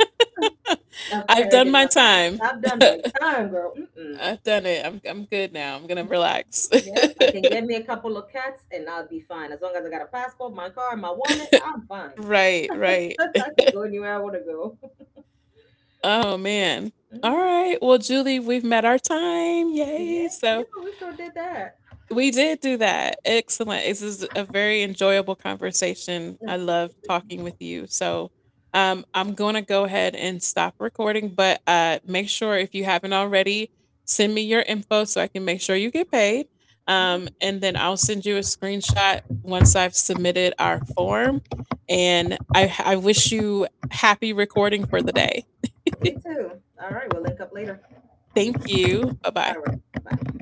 Speaker 2: I've
Speaker 1: I've
Speaker 2: carried
Speaker 1: done my
Speaker 2: enough.
Speaker 1: time.
Speaker 2: I've done my time, girl. Mm-mm.
Speaker 1: I've done it. I'm good now. I'm going to relax.
Speaker 2: Yeah, I can get me a couple of cats and I'll be fine. As long as I got a passport, my car, and my wallet, I'm fine.
Speaker 1: (laughs) right, right.
Speaker 2: (laughs) I can go anywhere I want to go. (laughs)
Speaker 1: Oh
Speaker 2: Yeah.
Speaker 1: man. All
Speaker 2: Mhm.
Speaker 1: right. Well, Julie, we've met our time. Yay.
Speaker 2: Yeah, yeah,
Speaker 1: So
Speaker 2: we sure did that.
Speaker 1: we did do that. Excellent. This is a very enjoyable conversation. I love
Speaker 2: Absolutely.
Speaker 1: talking with you. So I'm going to go ahead and stop recording, but make sure if you haven't already, send me your info so I can make sure you get paid.
Speaker 2: Mm-hmm.
Speaker 1: And then I'll send you a screenshot once I've submitted our form. And I wish you happy recording for the day.
Speaker 2: You too. All right, we'll link up later.
Speaker 1: Thank you. Bye
Speaker 2: All
Speaker 1: bye.
Speaker 2: right, bye.